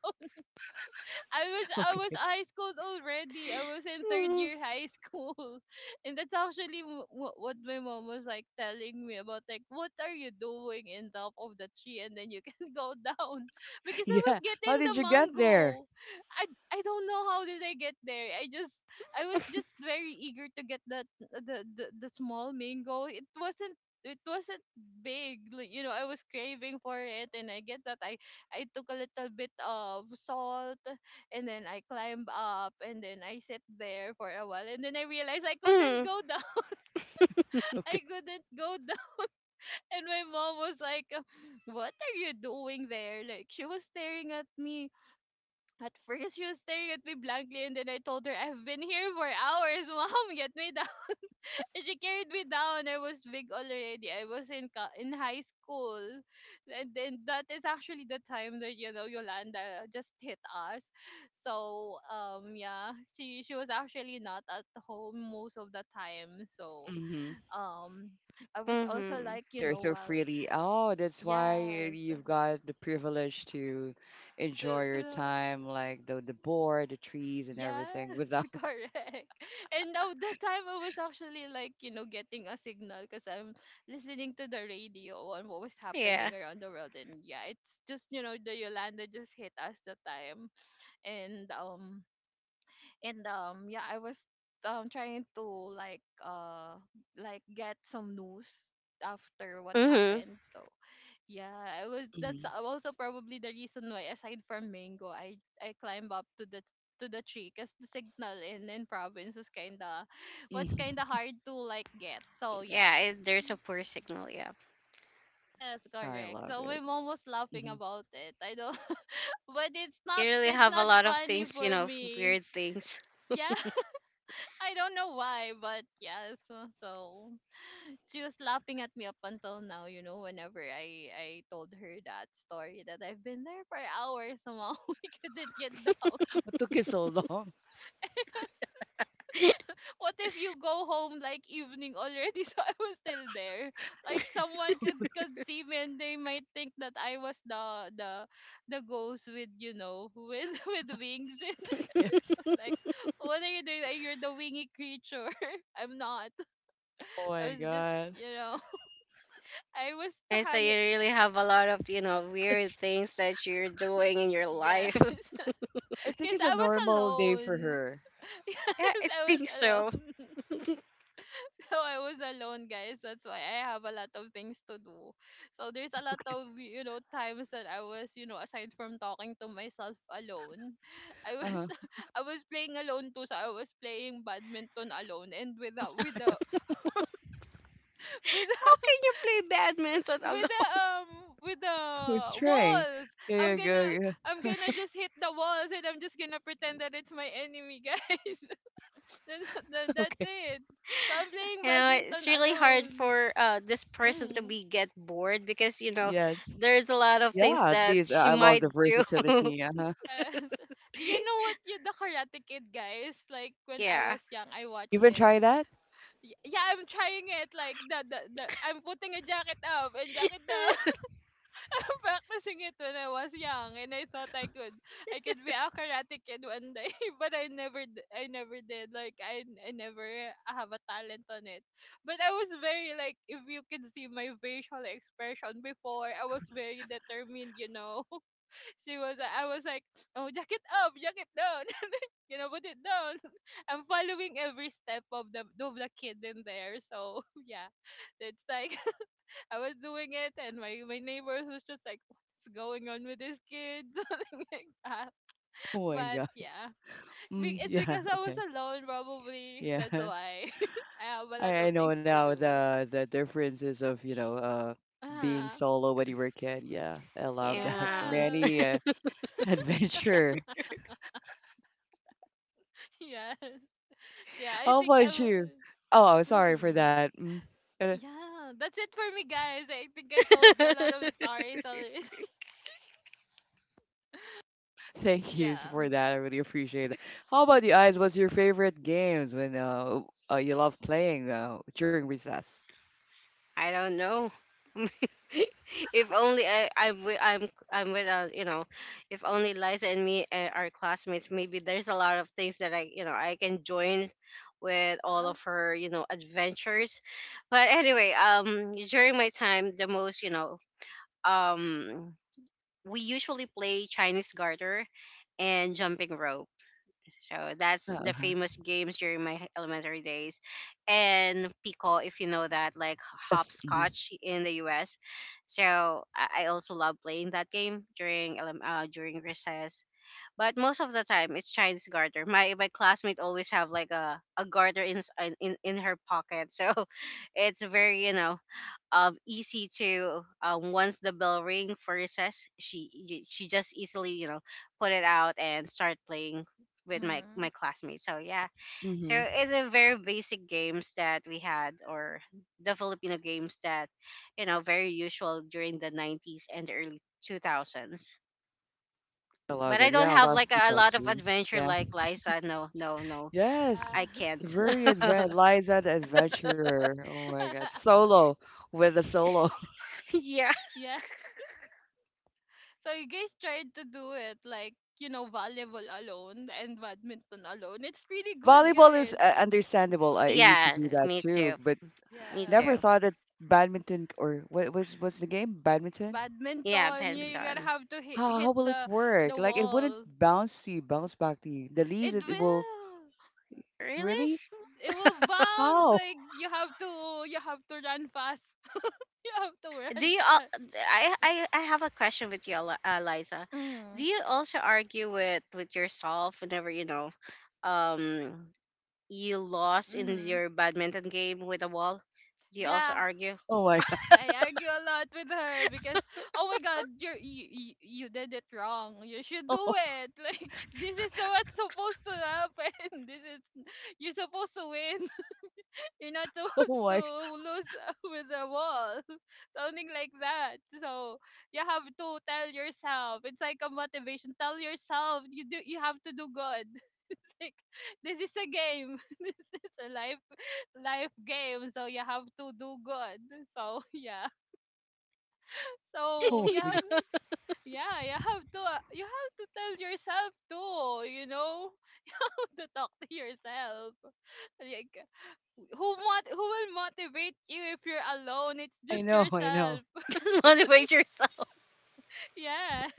Speaker 1: [LAUGHS]
Speaker 2: I was
Speaker 1: Okay.
Speaker 2: high school already. I was in third
Speaker 3: Mm.
Speaker 2: year high school, [LAUGHS] and that's actually what my mom was like telling me about. Like, what are you doing in top of the tree, and then you can [LAUGHS] go down [LAUGHS] because I was
Speaker 1: Yeah.
Speaker 2: getting
Speaker 1: How did
Speaker 2: the
Speaker 1: you get there?
Speaker 2: mango. I don't know how did I get there. I just I was just very eager to get that, the small mango. It wasn't. It wasn't big, like, you know. I was craving for it, and I get that I took a little bit of salt and then I climbed up and then I sat there for a while and then I realized I couldn't
Speaker 3: Mm.
Speaker 2: go down. [LAUGHS]
Speaker 1: Okay.
Speaker 2: I couldn't go down. [LAUGHS] And my mom was like, "What are you doing there?" Like she was staring at me. At first she was staring at me blankly and then I told her, "I've been here for hours, [LAUGHS] mom, get me down." And she carried me down. I was big already. I was in high school, and then that is actually the time that, you know, Yolanda just hit us. So yeah, she was actually not at home most of the time. So
Speaker 1: hmm
Speaker 2: um I was also
Speaker 3: hmm
Speaker 2: like, you
Speaker 1: They're
Speaker 2: know,
Speaker 1: so
Speaker 2: well,
Speaker 1: freely. Oh, that's why
Speaker 2: yes,
Speaker 1: you've got the privilege to enjoy
Speaker 2: to
Speaker 1: your time, like the board, the trees, and everything
Speaker 2: yes,
Speaker 1: without.
Speaker 2: [LAUGHS]
Speaker 1: [LAUGHS]
Speaker 2: correct. And now the time I was actually like, you know, getting a signal because I'm listening to the radio on what was
Speaker 3: [LAUGHS] Yeah.
Speaker 2: happening around the world. And yeah, it's just, you know, the Yolanda just hit us the time. And yeah, I was trying to like uh like get some news after what
Speaker 3: Mm-hmm.
Speaker 2: happened. So yeah, I was, that's
Speaker 1: Mhm,
Speaker 2: also probably the reason why aside from mango I climbed up to the tree because the signal in province was kind
Speaker 1: mhm.
Speaker 2: of hard to like get. So yeah,
Speaker 3: Yeah, it, there's a poor signal. Yeah.
Speaker 2: yes,
Speaker 1: I
Speaker 2: correct.
Speaker 1: love
Speaker 2: So my
Speaker 1: it.
Speaker 2: mom was laughing
Speaker 1: hmm
Speaker 2: about it. I don't [LAUGHS] but it's
Speaker 3: You
Speaker 2: not,
Speaker 3: really
Speaker 2: it's
Speaker 3: have a
Speaker 2: not
Speaker 3: lot of
Speaker 2: funny
Speaker 3: things, you
Speaker 2: for
Speaker 3: know, f-
Speaker 2: me.
Speaker 3: weird things.
Speaker 2: Yeah. [LAUGHS] I don't know why, but yes. So she was laughing at me up until now, you know, whenever I told her that story that I've been there for hours somehow [LAUGHS] we couldn't get down.
Speaker 1: What took you so long? [LAUGHS]
Speaker 2: [LAUGHS] What if you go home like evening already [LAUGHS] so I was still there? Like someone could see me and they might think that I was the the ghost with, you know, with [LAUGHS] with wings and
Speaker 1: Yes.
Speaker 2: [LAUGHS] like what are you doing? Like, you're the wingy creature. [LAUGHS] I'm not.
Speaker 1: Oh my
Speaker 2: I was just,
Speaker 1: God.
Speaker 2: you know, I was
Speaker 3: And so you
Speaker 2: hanging.
Speaker 3: really have a lot of, you know,
Speaker 1: [LAUGHS]
Speaker 3: weird
Speaker 1: It's,
Speaker 3: things that you're doing in your
Speaker 2: Yes.
Speaker 3: life. [LAUGHS]
Speaker 2: [LAUGHS]
Speaker 1: I think
Speaker 2: Because
Speaker 1: it's a
Speaker 2: I was
Speaker 1: normal day for
Speaker 2: alone.
Speaker 1: her.
Speaker 2: [LAUGHS]
Speaker 3: Yeah,
Speaker 2: Yes,
Speaker 3: I
Speaker 2: I was
Speaker 3: think so.
Speaker 2: alone. [LAUGHS] So I was alone, guys. That's why I have a lot of things to do. So there's a lot
Speaker 1: Okay.
Speaker 2: of, you know, times that I was, you know, aside from talking to myself alone, I was
Speaker 1: Uh-huh.
Speaker 2: [LAUGHS] I was playing alone too. So I was playing badminton alone and without [LAUGHS]
Speaker 3: How
Speaker 2: without
Speaker 3: can you play badminton
Speaker 2: with the
Speaker 3: alone?
Speaker 2: with the
Speaker 1: Who's Trey?
Speaker 2: walls.
Speaker 1: Yeah,
Speaker 2: I'm
Speaker 1: yeah,
Speaker 2: gonna
Speaker 1: yeah. [LAUGHS]
Speaker 2: I'm gonna just hit the walls and I'm just gonna pretend that it's my enemy, guys. [LAUGHS]
Speaker 1: Yeah.
Speaker 2: That's
Speaker 1: Okay.
Speaker 2: it. So I'm playing
Speaker 3: You know, it's
Speaker 2: badminton
Speaker 3: really hard
Speaker 2: alone.
Speaker 3: for this person to
Speaker 2: Mm.
Speaker 3: be get bored, because you know
Speaker 1: Yes.
Speaker 3: there's a lot of things
Speaker 1: Yeah, at
Speaker 3: that
Speaker 1: least
Speaker 3: she
Speaker 1: I love
Speaker 3: might
Speaker 1: the
Speaker 3: do. [LAUGHS]
Speaker 1: versatility. Uh-huh.
Speaker 2: Yes. [LAUGHS] Do you know what you, the Karate Kid guys? Like when I
Speaker 3: Yeah.
Speaker 2: was young, I
Speaker 1: You
Speaker 2: watched
Speaker 1: even
Speaker 2: it.
Speaker 1: try that?
Speaker 2: Yeah, I'm trying it. Like the I'm putting a jacket up and jacket down. [LAUGHS] Practicing it when I was young, and I thought I could be a karate kid one day, [LAUGHS] but I never did. Like I never have a talent on it. But I was very like, if you can see my facial expression before, I was very determined. You know, [LAUGHS] I was like, oh, jacket up, jacket down, [LAUGHS] you know, put it down. [LAUGHS] I'm following every step of the kid in there. So [LAUGHS] yeah, it's like I was doing it, and my neighbor was just like, "What's going on with this kid?" [LAUGHS] Something like that.
Speaker 1: Oh my
Speaker 2: But
Speaker 1: God.
Speaker 2: yeah,
Speaker 1: Mm,
Speaker 2: it's
Speaker 1: yeah.
Speaker 2: because I was
Speaker 1: Okay.
Speaker 2: alone, probably.
Speaker 1: Yeah.
Speaker 2: That's why [LAUGHS] I have a
Speaker 1: I,
Speaker 2: lot
Speaker 1: I
Speaker 2: of things
Speaker 1: know
Speaker 2: to
Speaker 1: now
Speaker 2: do.
Speaker 1: the differences of you know being
Speaker 2: Uh,
Speaker 1: solo when you were a kid. Yeah, I love that. [LAUGHS]
Speaker 3: Yeah.
Speaker 2: yeah,
Speaker 1: Many
Speaker 2: [LAUGHS]
Speaker 1: [LAUGHS] adventure.
Speaker 2: yes, yeah. I
Speaker 1: How
Speaker 2: think
Speaker 1: about
Speaker 2: I'm.
Speaker 1: you? Oh, sorry for
Speaker 2: Mm-hmm.
Speaker 1: that. Mm. Uh,
Speaker 2: Yeah, that's it for me, guys. I think I told you a lot of
Speaker 3: [LAUGHS]
Speaker 2: stories already. [LAUGHS] Oh
Speaker 1: Thank you
Speaker 2: yeah.
Speaker 1: for that. I really appreciate it. How about you guys? What's your favorite games when you love playing during recess?
Speaker 3: I don't know. [LAUGHS] if only I am I w- I'm with, you know, if only Liza and me are classmates, maybe there's a lot of things that I, you know, I can join with all
Speaker 2: Uh-huh.
Speaker 3: of her, you know, adventures. But anyway, during my time, the most, um we usually play Chinese garter and jumping rope. So that's the
Speaker 1: Uh-huh.
Speaker 3: famous games during my h- elementary days. And pico, if you know that, like
Speaker 1: Yes. Mm-hmm.
Speaker 3: hopscotch in the US. So I also love playing that game during elem- during recess. But most of the time, it's Chinese garter. My classmate always have like a garter in, s- in her pocket. So [LAUGHS] it's very, you know, easy to once the bell ring first, she y- she just easily, you know, put it out and start playing with my
Speaker 2: Mm-hmm.
Speaker 3: my classmates. So yeah, so
Speaker 1: Mm-hmm.
Speaker 3: it's a very basic games that we had, or the Filipino games that, you know, very usual during the 90s and the early 2000s.
Speaker 1: I love
Speaker 3: But I
Speaker 1: that.
Speaker 3: don't
Speaker 1: Yeah, I
Speaker 3: have
Speaker 1: love
Speaker 3: like
Speaker 2: Yeah.
Speaker 3: a lot of
Speaker 1: Pikachu.
Speaker 3: adventure like Liza. No, no, no,
Speaker 1: Yes,
Speaker 3: I
Speaker 2: Yes.
Speaker 3: can't.
Speaker 1: very advanced.
Speaker 3: [LAUGHS]
Speaker 1: Liza the Adventurer. Oh my God,
Speaker 2: [LAUGHS]
Speaker 1: solo with the solo. [LAUGHS]
Speaker 3: Yeah.
Speaker 2: Yes. So you guys tried to do it like, you know, volleyball alone and badminton alone. It's really good,
Speaker 1: Volleyball is
Speaker 2: guys. [LAUGHS]
Speaker 1: understandable. I used to
Speaker 3: Yeah,
Speaker 1: do that
Speaker 3: me
Speaker 1: too,
Speaker 3: too,
Speaker 1: but
Speaker 3: me
Speaker 2: Yeah.
Speaker 1: never
Speaker 3: too.
Speaker 1: thought that badminton or what's the game? Badminton?
Speaker 3: Yeah,
Speaker 2: Badminton, you gotta
Speaker 3: badminton.
Speaker 2: have to
Speaker 1: How
Speaker 2: hit
Speaker 1: how will it
Speaker 2: the
Speaker 1: work? Like it wouldn't
Speaker 2: walls.
Speaker 1: bounce to you, bounce back to you. The
Speaker 2: It
Speaker 1: leaves it, it will
Speaker 2: will.
Speaker 3: Really?
Speaker 1: really?
Speaker 2: It will bounce.
Speaker 1: How?
Speaker 2: Like you have to run fast. [LAUGHS] You have to
Speaker 3: Do
Speaker 2: run
Speaker 3: you? Al-
Speaker 2: fast.
Speaker 3: I have a question with you, Eli- Liza. Do
Speaker 2: Mm.
Speaker 3: you also argue with yourself whenever, you know, um, you lost in
Speaker 2: Mm-hmm.
Speaker 3: your badminton game with a wall? Do you also
Speaker 2: Yeah,
Speaker 3: argue?
Speaker 1: Oh my [LAUGHS] God!
Speaker 2: I argue a lot with her because oh my god, you did it wrong. You should do it. [LAUGHS] Like this is so what's supposed to happen. [LAUGHS] This is you're supposed to win. [LAUGHS] You're not
Speaker 1: Oh
Speaker 2: supposed
Speaker 1: my!
Speaker 2: to lose [LAUGHS] with the wall. [LAUGHS] Something like that. So you have to tell yourself. It's like a motivation. Tell yourself you have to do good. [LAUGHS] It's like this is a game. [LAUGHS] This is a life game. So you have to do good. So [LAUGHS] yeah. So
Speaker 1: Oh
Speaker 2: you
Speaker 1: my
Speaker 2: have,
Speaker 1: God!
Speaker 3: [LAUGHS]
Speaker 2: yeah, you have to, tell yourself too, [LAUGHS] to talk to yourself. Like who will motivate you if you're alone? It's
Speaker 1: I
Speaker 2: just
Speaker 1: know, I know.
Speaker 2: yourself. [LAUGHS]
Speaker 3: Just motivate yourself.
Speaker 2: Yes.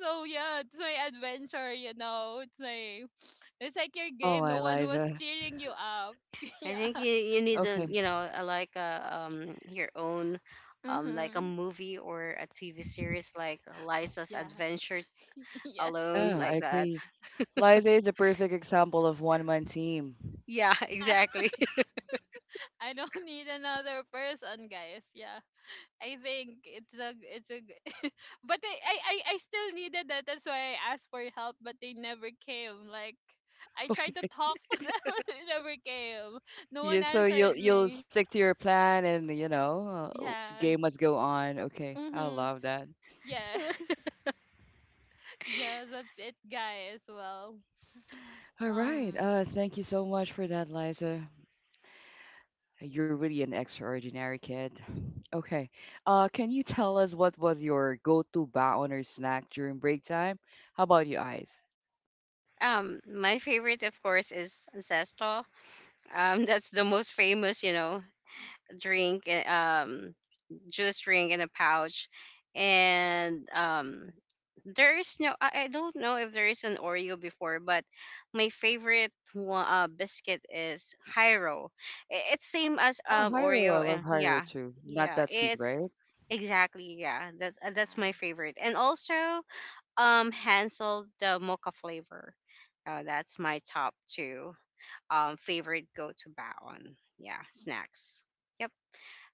Speaker 2: So yeah, it's my adventure. You know, it's like your
Speaker 1: Oh
Speaker 2: game. No
Speaker 1: my,
Speaker 2: one was
Speaker 1: Liza.
Speaker 2: cheering you up. [LAUGHS]
Speaker 3: I
Speaker 2: Yeah.
Speaker 3: think you you need to,
Speaker 1: Okay,
Speaker 3: you know, like a your own. Like a
Speaker 2: Mhm.
Speaker 3: movie or a TV series, like Liza's
Speaker 2: Yeah.
Speaker 3: Adventure
Speaker 2: [LAUGHS] Yes.
Speaker 3: Alone,
Speaker 1: yeah, I
Speaker 3: like that.
Speaker 1: agree. Liza is a perfect example of one man team. [LAUGHS]
Speaker 3: Yeah, [LAUGHS]
Speaker 2: Yeah. [LAUGHS]
Speaker 3: exactly.
Speaker 2: I don't need another person, guys. Yeah. I think [LAUGHS] but I still needed that. That's why I asked for help, but they never came. Like I tried to
Speaker 1: Okay.
Speaker 2: talk [LAUGHS] to them, but they never came. No one
Speaker 1: You so you'll
Speaker 2: answered
Speaker 1: you'll
Speaker 2: me.
Speaker 1: stick to your plan and you know,
Speaker 2: Yes.
Speaker 1: game must go on. Okay. I
Speaker 2: Mhm.
Speaker 1: love that.
Speaker 2: Yes. [LAUGHS] Yes, that's it, guys. Well, [SIGHS]
Speaker 1: All right.
Speaker 2: um,
Speaker 1: Thank you so much for that, Liza. You're really an extraordinary kid. Okay. Uh, can you tell us what was your go-to baon or snack during break time? How about you, Eyes?
Speaker 3: My favorite, of course, is Zesto. [LAUGHS] That's the most famous, you know, drink, juice drink in a pouch, and there is no. I don't know if there is an Oreo before, but my favorite one, biscuit is Hyro. I- It's same as
Speaker 1: Oh, Hyro. I
Speaker 3: Oreo,
Speaker 1: love
Speaker 3: and
Speaker 1: Hyro
Speaker 3: yeah,
Speaker 1: too. Not
Speaker 3: yeah,
Speaker 1: that sweet,
Speaker 3: it's
Speaker 1: right?
Speaker 3: exactly yeah.
Speaker 2: yeah.
Speaker 3: That's my favorite. And also Hansel the mocha flavor. That's my top two favorite go to baon. Yeah, snacks. Yep.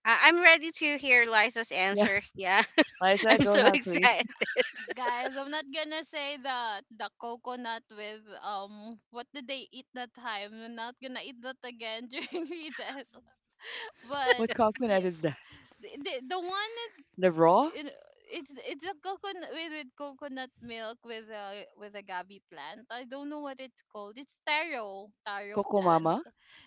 Speaker 3: I- I'm ready to hear Liza's answer.
Speaker 1: Yes.
Speaker 3: Yeah, [LAUGHS]
Speaker 1: Liza,
Speaker 3: I'm
Speaker 1: go
Speaker 3: so
Speaker 2: But
Speaker 1: ahead, please.
Speaker 3: excited. [LAUGHS]
Speaker 2: guys, I'm not gonna say that the coconut with what did they eat that time? I'm not gonna eat that again [LAUGHS] during recess. [LAUGHS]
Speaker 1: [LAUGHS]
Speaker 2: But
Speaker 1: What coconut
Speaker 2: yeah,
Speaker 1: is that?
Speaker 2: the one that
Speaker 1: The raw?
Speaker 2: you know, it's a coconut with, coconut milk with a gabi plant. I don't know what it's called. It's taro
Speaker 1: Coco
Speaker 2: plant.
Speaker 1: Mama,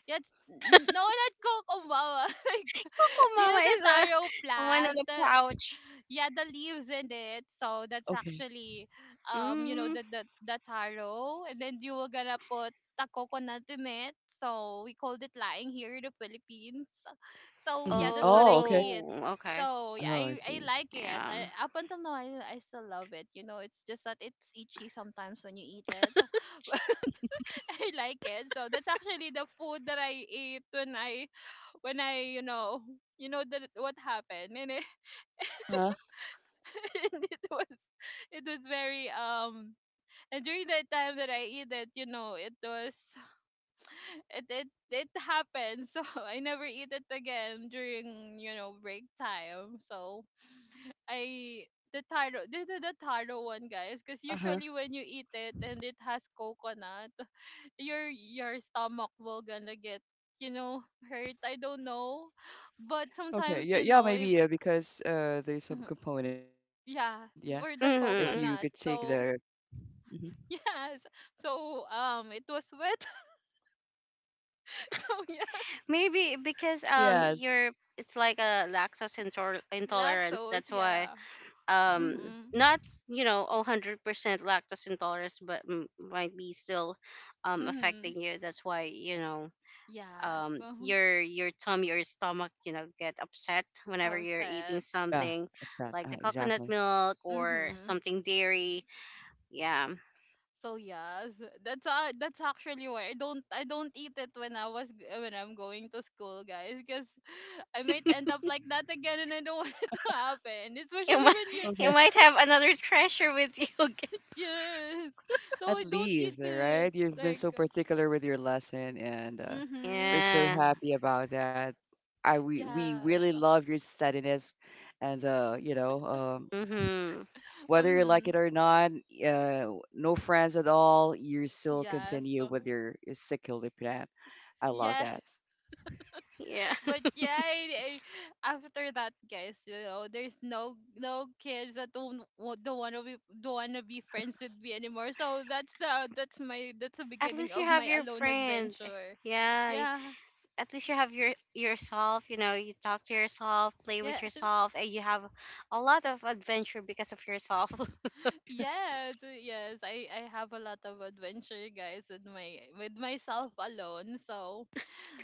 Speaker 2: Yeah, no, not kokombawa. [LAUGHS] Like
Speaker 3: Coco
Speaker 2: you
Speaker 3: Mama
Speaker 2: know the
Speaker 3: is a
Speaker 2: taro
Speaker 3: a one on
Speaker 2: plant.
Speaker 3: the pouch.
Speaker 2: Yeah, the leaves in it, so that's
Speaker 1: Okay.
Speaker 2: actually you know
Speaker 3: Mm.
Speaker 2: the taro, and then you were gonna put the coconut in it. So we called it laing here in the Philippines. So yeah,
Speaker 1: Mhm.
Speaker 2: that's what I
Speaker 1: Oh, okay.
Speaker 2: eat.
Speaker 3: Oh, okay.
Speaker 2: So yeah,
Speaker 1: Oh,
Speaker 2: i
Speaker 1: I
Speaker 2: i
Speaker 1: see.
Speaker 2: like it.
Speaker 3: Yeah.
Speaker 2: Up until now, I still love it. It's just that it's itchy sometimes when you eat it, [LAUGHS] but I like it. So that's actually the food that I ate when I when i you know what happened. [LAUGHS]
Speaker 1: Uh-huh.
Speaker 2: [LAUGHS] And it was, very and during that time that I eat it, it was [SIGHS] it happened. So [LAUGHS] I never eat it again during, break time. So I the taro, the taro one, guys, because
Speaker 1: Uh-huh.
Speaker 2: usually when you eat it and it has coconut [SIGHS] your stomach will gonna get you know hurt, I don't know. But
Speaker 1: Okay.
Speaker 2: sometimes
Speaker 1: Yeah, yeah, maybe
Speaker 2: if
Speaker 1: yeah, because there's some
Speaker 2: [CLEARS THROAT]
Speaker 1: component, yeah.
Speaker 2: yeah,
Speaker 1: If you
Speaker 2: for
Speaker 1: could
Speaker 2: the
Speaker 1: take
Speaker 3: hmm
Speaker 1: the
Speaker 2: coconut, so
Speaker 1: hmm
Speaker 2: Yes. So it was wet. [LAUGHS] So yeah.
Speaker 3: Maybe because
Speaker 1: yes.
Speaker 3: you're it's like a lactose intor- intolerance.
Speaker 2: Lactose,
Speaker 3: That's why,
Speaker 2: yeah.
Speaker 3: um
Speaker 2: Mm-hmm.
Speaker 3: not, you know, 100% lactose intolerance, but m- might be still
Speaker 2: Mm-hmm.
Speaker 3: affecting you. That's why, you know,
Speaker 2: Yeah. So
Speaker 3: your tummy or stomach, you know, get upset whenever you're eating
Speaker 2: upset.
Speaker 1: Yeah,
Speaker 3: something like the coconut
Speaker 1: exactly.
Speaker 3: milk or
Speaker 2: Mm-hmm.
Speaker 3: something dairy. Yeah,
Speaker 2: So yes, that's actually why I don't eat it when when I'm going to school, guys, because [SIGHS] [LAUGHS] I might end up like that again, and I don't [LAUGHS] want it to happen,
Speaker 3: you
Speaker 2: especially
Speaker 3: might
Speaker 2: when you're
Speaker 3: [LAUGHS] you
Speaker 1: Okay.
Speaker 3: might have another [LAUGHS] treasure with you again.
Speaker 2: [LAUGHS] yes. So
Speaker 1: At
Speaker 2: I don't eat
Speaker 1: least, all
Speaker 2: it.
Speaker 1: right? You've been
Speaker 2: Like,
Speaker 1: so particular with your lesson and
Speaker 2: mm-hmm.
Speaker 1: we're so happy about that. I we really
Speaker 2: Yes.
Speaker 1: love your steadiness and you know,
Speaker 3: Yeah. Mhm.
Speaker 1: whether you like
Speaker 2: Um.
Speaker 1: it or not, uh, no friends at all, you still
Speaker 2: Yes.
Speaker 1: continue with
Speaker 2: Uh-huh.
Speaker 1: your secular plan. I love
Speaker 2: Yeah,
Speaker 1: that.
Speaker 3: Yeah.
Speaker 2: [LAUGHS] but
Speaker 3: [LAUGHS]
Speaker 2: yeah, after that, guys, there's no kids that don't wanna be friends with me anymore. So that's the that's my that's the
Speaker 3: At
Speaker 2: beginning
Speaker 3: least you
Speaker 2: of
Speaker 3: have
Speaker 2: my
Speaker 3: your
Speaker 2: alone
Speaker 3: friend.
Speaker 2: adventure.
Speaker 3: Yeah,
Speaker 2: Yeah.
Speaker 3: at least you have your yourself. You know, you talk to yourself, play with
Speaker 2: Yes. [LAUGHS]
Speaker 3: yourself, and you have a lot of adventure because of yourself. [LAUGHS]
Speaker 1: [LAUGHS] S-
Speaker 2: Yes. Yes. I have a lot of adventure, guys, with my with myself alone. So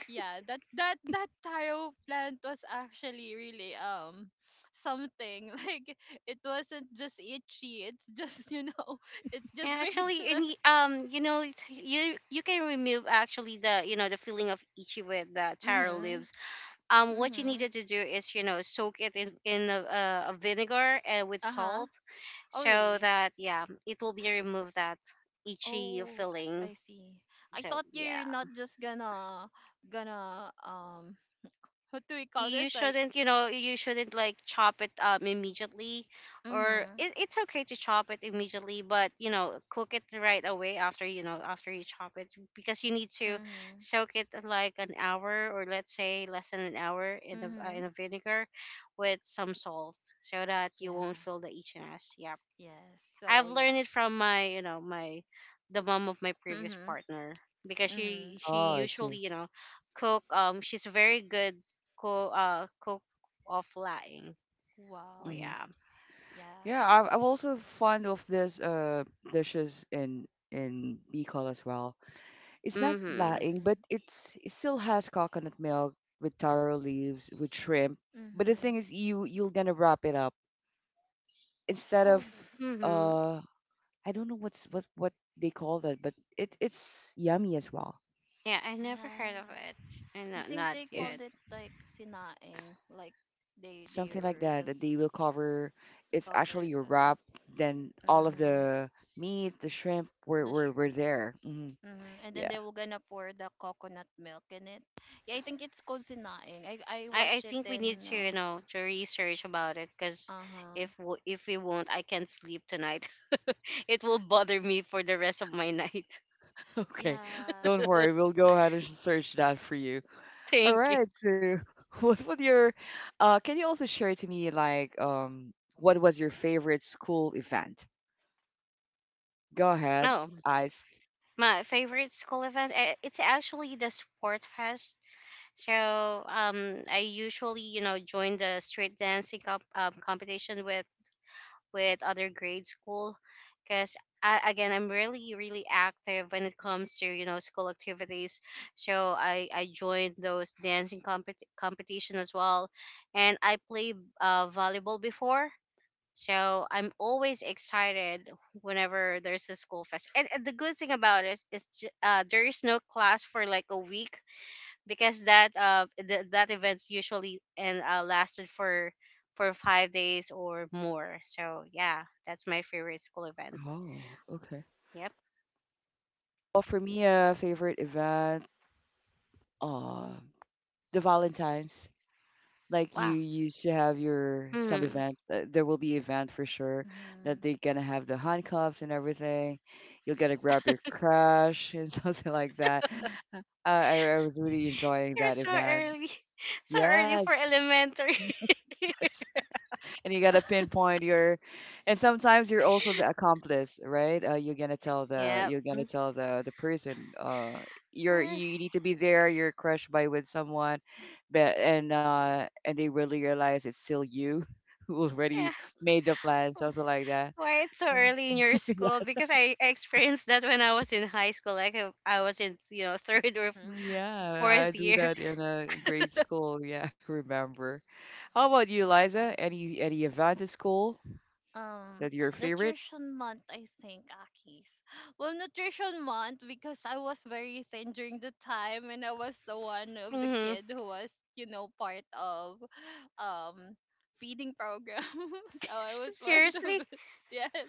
Speaker 2: yeah, that taro plant was actually really [SNIFFS] something [LAUGHS] like it wasn't just itchy, it's just, [LAUGHS] it just
Speaker 3: Yeah,
Speaker 2: brings [LAUGHS]
Speaker 3: actually. And
Speaker 2: the
Speaker 3: y- you know, it's- you can remove actually the, you know, the feeling of itchy with the taro
Speaker 2: Mhm.
Speaker 3: leaves. Um, what you
Speaker 2: Mhm.
Speaker 3: needed to do is, you know, soak it in a, a vinegar, with
Speaker 2: Uh-huh.
Speaker 3: salt,
Speaker 2: Oh
Speaker 3: so
Speaker 2: really?
Speaker 3: that, yeah, it will be remove that itchy
Speaker 2: Oh,
Speaker 3: feeling.
Speaker 2: I see. I
Speaker 3: So
Speaker 2: thought you're
Speaker 3: yeah,
Speaker 2: not just gonna gonna um what do we call
Speaker 3: you
Speaker 2: this, like
Speaker 3: shouldn't, you know, you shouldn't like chop it immediately, or
Speaker 2: Mhm.
Speaker 3: it, it's okay to chop it immediately, but you know, cook it right away after, you know, after you chop it, because you need to
Speaker 2: Mhm.
Speaker 3: soak it like an hour, or let's say less than an hour, in the
Speaker 2: Mhm.
Speaker 3: in a vinegar with some salt, so that you won't
Speaker 2: Yeah,
Speaker 3: feel the itchiness. Yeah,
Speaker 2: yes,
Speaker 3: I've
Speaker 2: so yeah.
Speaker 3: learned it from my, you know, my the mom of my previous
Speaker 2: Mhm.
Speaker 3: partner, because
Speaker 2: Mhm.
Speaker 1: Oh,
Speaker 3: she
Speaker 1: I
Speaker 3: usually,
Speaker 1: see.
Speaker 3: you know, cook. She's a very good cook. Cook of flying. Oh
Speaker 2: Wow.
Speaker 1: hmm
Speaker 3: yeah.
Speaker 1: Yeah,
Speaker 2: Yes.
Speaker 1: I'm also fond of this dishes in Bicol as well. It's not
Speaker 3: Mhm.
Speaker 1: laing, but
Speaker 2: Mm.
Speaker 1: it's it still has coconut milk with taro leaves with shrimp. But the thing
Speaker 2: Mm-hmm.
Speaker 1: is, you're gonna wrap it up instead of
Speaker 2: Oh,
Speaker 3: Mhm.
Speaker 1: uh I don't know what they call that, but it it's yummy as well.
Speaker 3: Yeah, I never heard of
Speaker 2: yes.
Speaker 3: it. I
Speaker 2: I
Speaker 3: know,
Speaker 2: think
Speaker 3: not
Speaker 2: they called
Speaker 1: It's
Speaker 3: yet.
Speaker 2: it like sinaing, like they
Speaker 1: something like
Speaker 2: were
Speaker 1: that that
Speaker 2: just
Speaker 1: they will cover. It's
Speaker 2: cover it,
Speaker 1: actually a
Speaker 2: and
Speaker 1: wrap. Then all of
Speaker 2: mm-hmm.
Speaker 1: the meat, the shrimp, were
Speaker 2: The
Speaker 1: were, were
Speaker 2: shrimp.
Speaker 1: there.
Speaker 2: Mm-hmm. And then
Speaker 1: Yeah.
Speaker 2: they were gonna pour the coconut milk in it. Yeah, I think it's called sinaing. I
Speaker 3: I
Speaker 2: watched it
Speaker 3: think we need
Speaker 2: in
Speaker 3: to, you know, to research about it, because
Speaker 2: uh huh.
Speaker 3: if w- if we won't, I can't sleep tonight. [LAUGHS] It will bother me for the rest of my night.
Speaker 1: [LAUGHS] Okay.
Speaker 2: Yeah.
Speaker 1: Don't worry. We'll go ahead and search that for you.
Speaker 3: [LAUGHS]
Speaker 1: All
Speaker 3: Thank you.
Speaker 1: right. So, [LAUGHS] what would your? Can you also share to me like what was your favorite school event? Go ahead,
Speaker 3: No.
Speaker 1: eyes.
Speaker 3: My favorite school event, eh, it's actually the Sport Fest. So I usually, you know, join the street dancing comp- competition with other grade school, because again, I'm really really active when it comes to, you know, school activities. So I joined those dancing compet competition as well, and I played volleyball before. So I'm always excited whenever there's a school fest. And the good thing about it is ju- there is no class for like a week, because that that event's usually and lasted for 5 days or more. So yeah, that's my favorite school events.
Speaker 1: Oh, okay.
Speaker 3: Yep.
Speaker 1: Well, for me, a favorite event, uh, the Valentine's. Like you
Speaker 3: Wow.
Speaker 1: used to have your some
Speaker 3: Hmm.
Speaker 1: event, there will be event for sure that
Speaker 2: Mm-hmm.
Speaker 1: they are gonna have the handcuffs and everything. You're gonna grab your crush and [LAUGHS] something like that. I was really enjoying
Speaker 3: You're
Speaker 1: that
Speaker 3: so
Speaker 1: event.
Speaker 3: early, [LAUGHS] so early for
Speaker 1: Yes.
Speaker 3: elementary. [LAUGHS]
Speaker 1: [LAUGHS] And you gotta
Speaker 2: Ah.
Speaker 1: pinpoint your and sometimes you're also the accomplice, right? You're gonna tell the
Speaker 3: Yep.
Speaker 1: you're gonna
Speaker 3: Mm.
Speaker 1: tell the person you're
Speaker 3: Uh,
Speaker 1: you need to be there you're crushed by with someone, but, and they really realize it's still you [LAUGHS] who
Speaker 3: yeah.
Speaker 1: already made the plan, something like that.
Speaker 3: Quite so
Speaker 1: Yeah.
Speaker 3: early in your
Speaker 1: [LAUGHS] Yeah,
Speaker 3: school, because I experienced that when I was in high school. Like I was in, you know, [LAUGHS] third
Speaker 2: [LAUGHS]
Speaker 3: or
Speaker 2: Mm-hmm.
Speaker 1: yeah, I
Speaker 3: fourth
Speaker 1: do
Speaker 3: year.
Speaker 1: that in a grade school, yeah. [LAUGHS] I remember. How about you, Liza?
Speaker 2: Yes.
Speaker 1: Any event at school
Speaker 2: um
Speaker 1: that your favorite?
Speaker 2: Nutrition month, I think, Akis. [GASPS] Well, nutrition month, because I was very thin during the time, and I was the one of the
Speaker 3: Mm-hmm.
Speaker 2: kid who was, part of [SIGHS] um feeding program. [LAUGHS] So I
Speaker 3: [LAUGHS]
Speaker 2: was part
Speaker 3: Seriously.
Speaker 2: of it. [LAUGHS] Yes,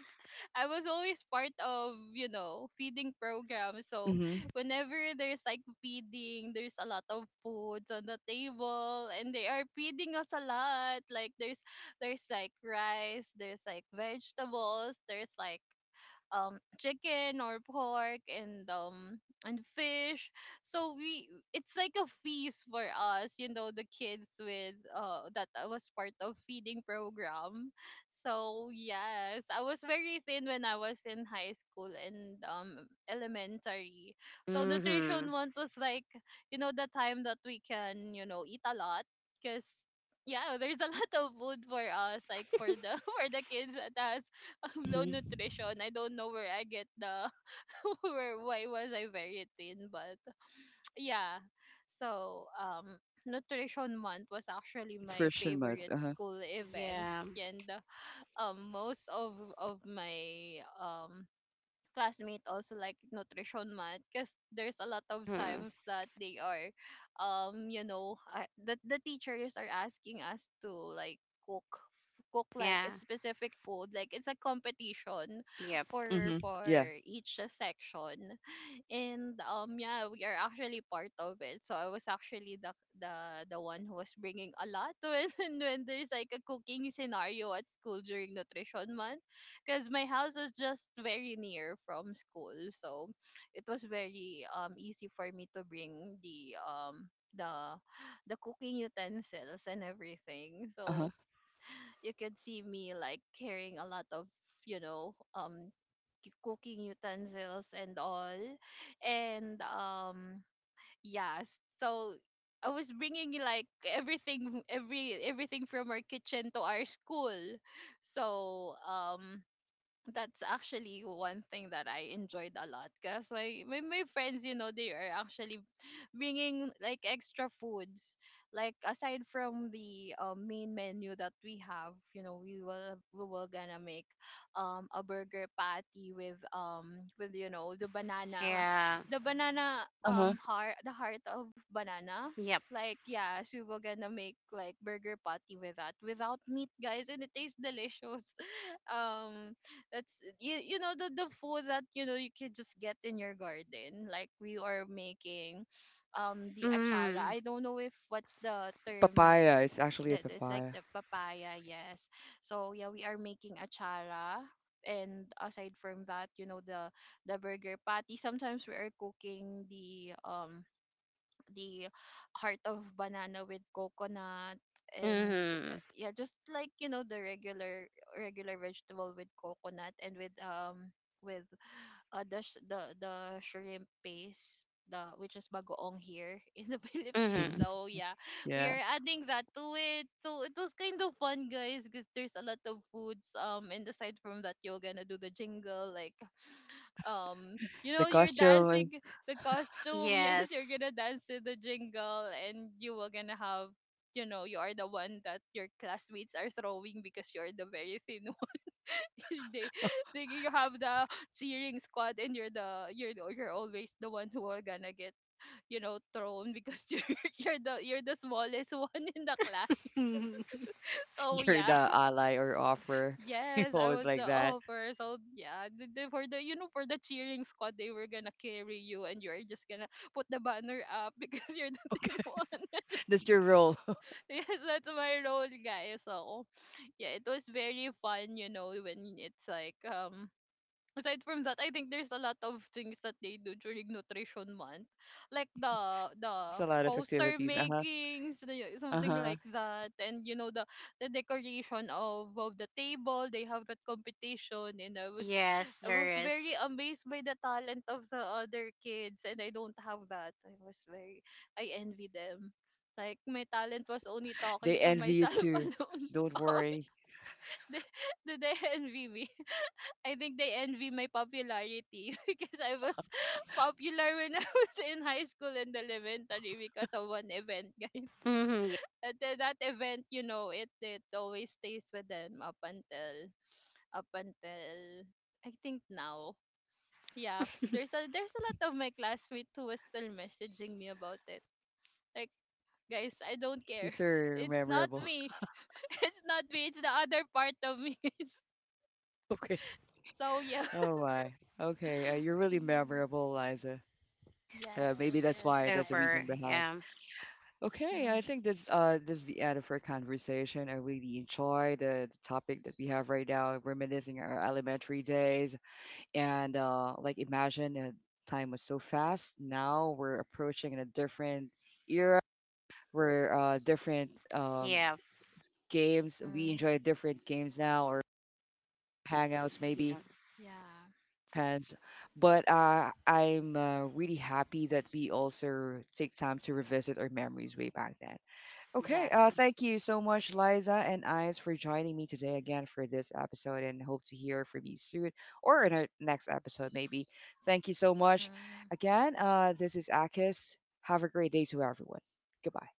Speaker 2: I was always part of, feeding program. So
Speaker 1: Mm-hmm,
Speaker 2: whenever there's like feeding, there's a lot of foods on the table, and they are feeding us a lot, like there's [LAUGHS] there's like rice, there's like vegetables, there's like chicken or pork, and fish. So we, it's like a feast for us, the kids with that I was part of feeding program. So yes, I was very thin when I was in high school and elementary. So
Speaker 3: Mm-hmm.
Speaker 2: nutrition month was like, you know, the time that we can, eat a lot, because yeah, there's a [LAUGHS] lot of food for us, like for the [LAUGHS] for the kids at us. [LAUGHS] Low
Speaker 1: mm-hmm.
Speaker 2: nutrition. I don't know where I get the [LAUGHS] where, why was I very thin, but yeah. So nutrition month was actually
Speaker 1: It's
Speaker 2: my
Speaker 1: Christian month.
Speaker 2: favorite school event,
Speaker 3: Yeah.
Speaker 2: and most of my classmate also like nutrition month, because there's a lot of
Speaker 3: hmm
Speaker 2: times that they are you know the teachers are asking us to, like, cook cook like
Speaker 3: Yeah.
Speaker 2: a specific food, like it's a competition
Speaker 3: Yep.
Speaker 2: for
Speaker 1: Mhm. Yeah.
Speaker 2: each section. And yeah, we are actually part of it. So I was actually the the one who was bringing a lot [LAUGHS] when there's like a cooking scenario at school during nutrition month, because my house was just very near from school. So it was very easy for me to bring the the the cooking utensils and everything.
Speaker 1: Uh-huh.
Speaker 2: So you could see me like carrying a lot of you know um cooking utensils and all, and yes. So I was bringing like everything, everything from our kitchen to our school. So that's actually one thing that I enjoyed a lot, because my friends, they are actually bringing like extra foods. Like, aside from the main menu that we have, we will gonna make a burger patty with you know
Speaker 3: Yeah.
Speaker 2: the banana
Speaker 1: Uh-huh.
Speaker 2: heart the heart of banana.
Speaker 3: Yep.
Speaker 2: Like yes, we were gonna make like burger patty with that without meat, guys, and it tastes delicious. um that's you know the food that you can just get in your garden, like we are making the achara,
Speaker 3: Mm-hmm.
Speaker 2: I don't know if what's the term,
Speaker 1: Papaya. It's actually a
Speaker 2: that it's like
Speaker 1: papaya.
Speaker 2: the papaya, yes. So yeah, we are making achara, and aside from that, you know, the burger patty. Sometimes we are cooking the the heart of banana with coconut, and
Speaker 3: Mm-hmm.
Speaker 2: yeah, just like you know the regular vegetable with coconut and with with the shrimp paste, the which is bagoong here [LAUGHS] in the
Speaker 3: Mm-hmm.
Speaker 2: Philippines.
Speaker 1: Mhm.
Speaker 2: So yeah, we
Speaker 1: Yeah.
Speaker 2: are adding that to it. So it was kind of fun, guys, because there's a lot of foods. And aside from that, you're gonna do the jingle, like
Speaker 1: The
Speaker 2: you're
Speaker 1: costume, is-
Speaker 2: dancing, the costume. [LAUGHS] Yes, you're
Speaker 3: Yes.
Speaker 2: gonna dance to the jingle, and you were gonna have, you are the one that your classmates are throwing, because you're the very thin [LAUGHS] one. They, they You have the cheering squad, and you're always the one who are gonna get thrown, because [LAUGHS] you're you're the smallest [LAUGHS] one in the class.
Speaker 3: [LAUGHS]
Speaker 2: [LAUGHS]
Speaker 1: [LAUGHS]
Speaker 2: So
Speaker 1: you're
Speaker 2: yeah.
Speaker 1: the ally or offer. [LAUGHS] You
Speaker 2: Yes, I
Speaker 1: always
Speaker 2: was the
Speaker 1: like that.
Speaker 2: offer. So yeah, for the cheering squad, they were gonna carry you, and you're just gonna put the banner up [LAUGHS] because you're the thin one.
Speaker 1: That's your role. [LAUGHS]
Speaker 2: [LAUGHS] Yes, that's my role, guys. So yeah, it was very fun, when it's like aside from that, I think there's a lot of things that they do during nutrition month, like
Speaker 1: It's
Speaker 2: the
Speaker 1: a lot of
Speaker 2: poster
Speaker 1: activities. Uh-huh.
Speaker 2: makings, something
Speaker 1: Uh-huh.
Speaker 2: like that, and the decoration of the table. They have that competition, and
Speaker 3: Yes,
Speaker 2: I
Speaker 3: there
Speaker 2: was
Speaker 3: is.
Speaker 2: very amazed by the talent of the other kids, and I don't have that. I was very I envy them. Like my talent was only talking
Speaker 1: They
Speaker 2: to
Speaker 1: envy you
Speaker 2: myself [LAUGHS]
Speaker 1: too.
Speaker 2: alone.
Speaker 1: Don't
Speaker 2: [LAUGHS]
Speaker 1: worry.
Speaker 2: Did, did they envy me? I think they envy my popularity [LAUGHS] because I was [LAUGHS] popular when I was in high school and elementary because of one event, [LAUGHS] guys.
Speaker 3: Mm-hmm. Yes.
Speaker 2: And then that event, it always stays with them up until up until I think now. Yeah, there's a lot of my classmates who was still messaging me about it. Like, guys, I don't
Speaker 1: You're
Speaker 2: care. [LAUGHS]
Speaker 1: so
Speaker 2: It's not
Speaker 1: memorable. [LAUGHS]
Speaker 2: me. [LAUGHS] It's not me. It's the other part of me. [LAUGHS] Guys.
Speaker 1: Okay.
Speaker 2: So yeah.
Speaker 1: Oh my. Okay. You're really
Speaker 2: [LAUGHS]
Speaker 1: memorable, Liza.
Speaker 3: S-
Speaker 2: Yes,
Speaker 1: Maybe that's
Speaker 2: yes,
Speaker 1: why. That's the
Speaker 2: guys.
Speaker 3: Super.
Speaker 1: reason behind.
Speaker 3: Yeah.
Speaker 1: Okay, I
Speaker 2: Mm-hmm.
Speaker 1: think this this is the end of our conversation. I really enjoy the topic that we have right now, reminiscing our elementary days. And like imagine, time was so fast. Now we're approaching in a different era where different
Speaker 3: Yeah.
Speaker 1: games we
Speaker 2: Mm-hmm.
Speaker 1: enjoy different games now or hangouts
Speaker 3: Yeah.
Speaker 1: maybe
Speaker 2: Yeah.
Speaker 1: depends. But I'm, really happy that we also take time to revisit our memories way back then. Okay,
Speaker 3: Exactly.
Speaker 1: thank you so much, Liza and Eyes, for joining me today again for this episode and hope to hear from you soon or in our next episode, maybe. Thank you so much.
Speaker 2: Mm-hmm.
Speaker 1: Again, this is Akis. Have a great day to everyone. Goodbye.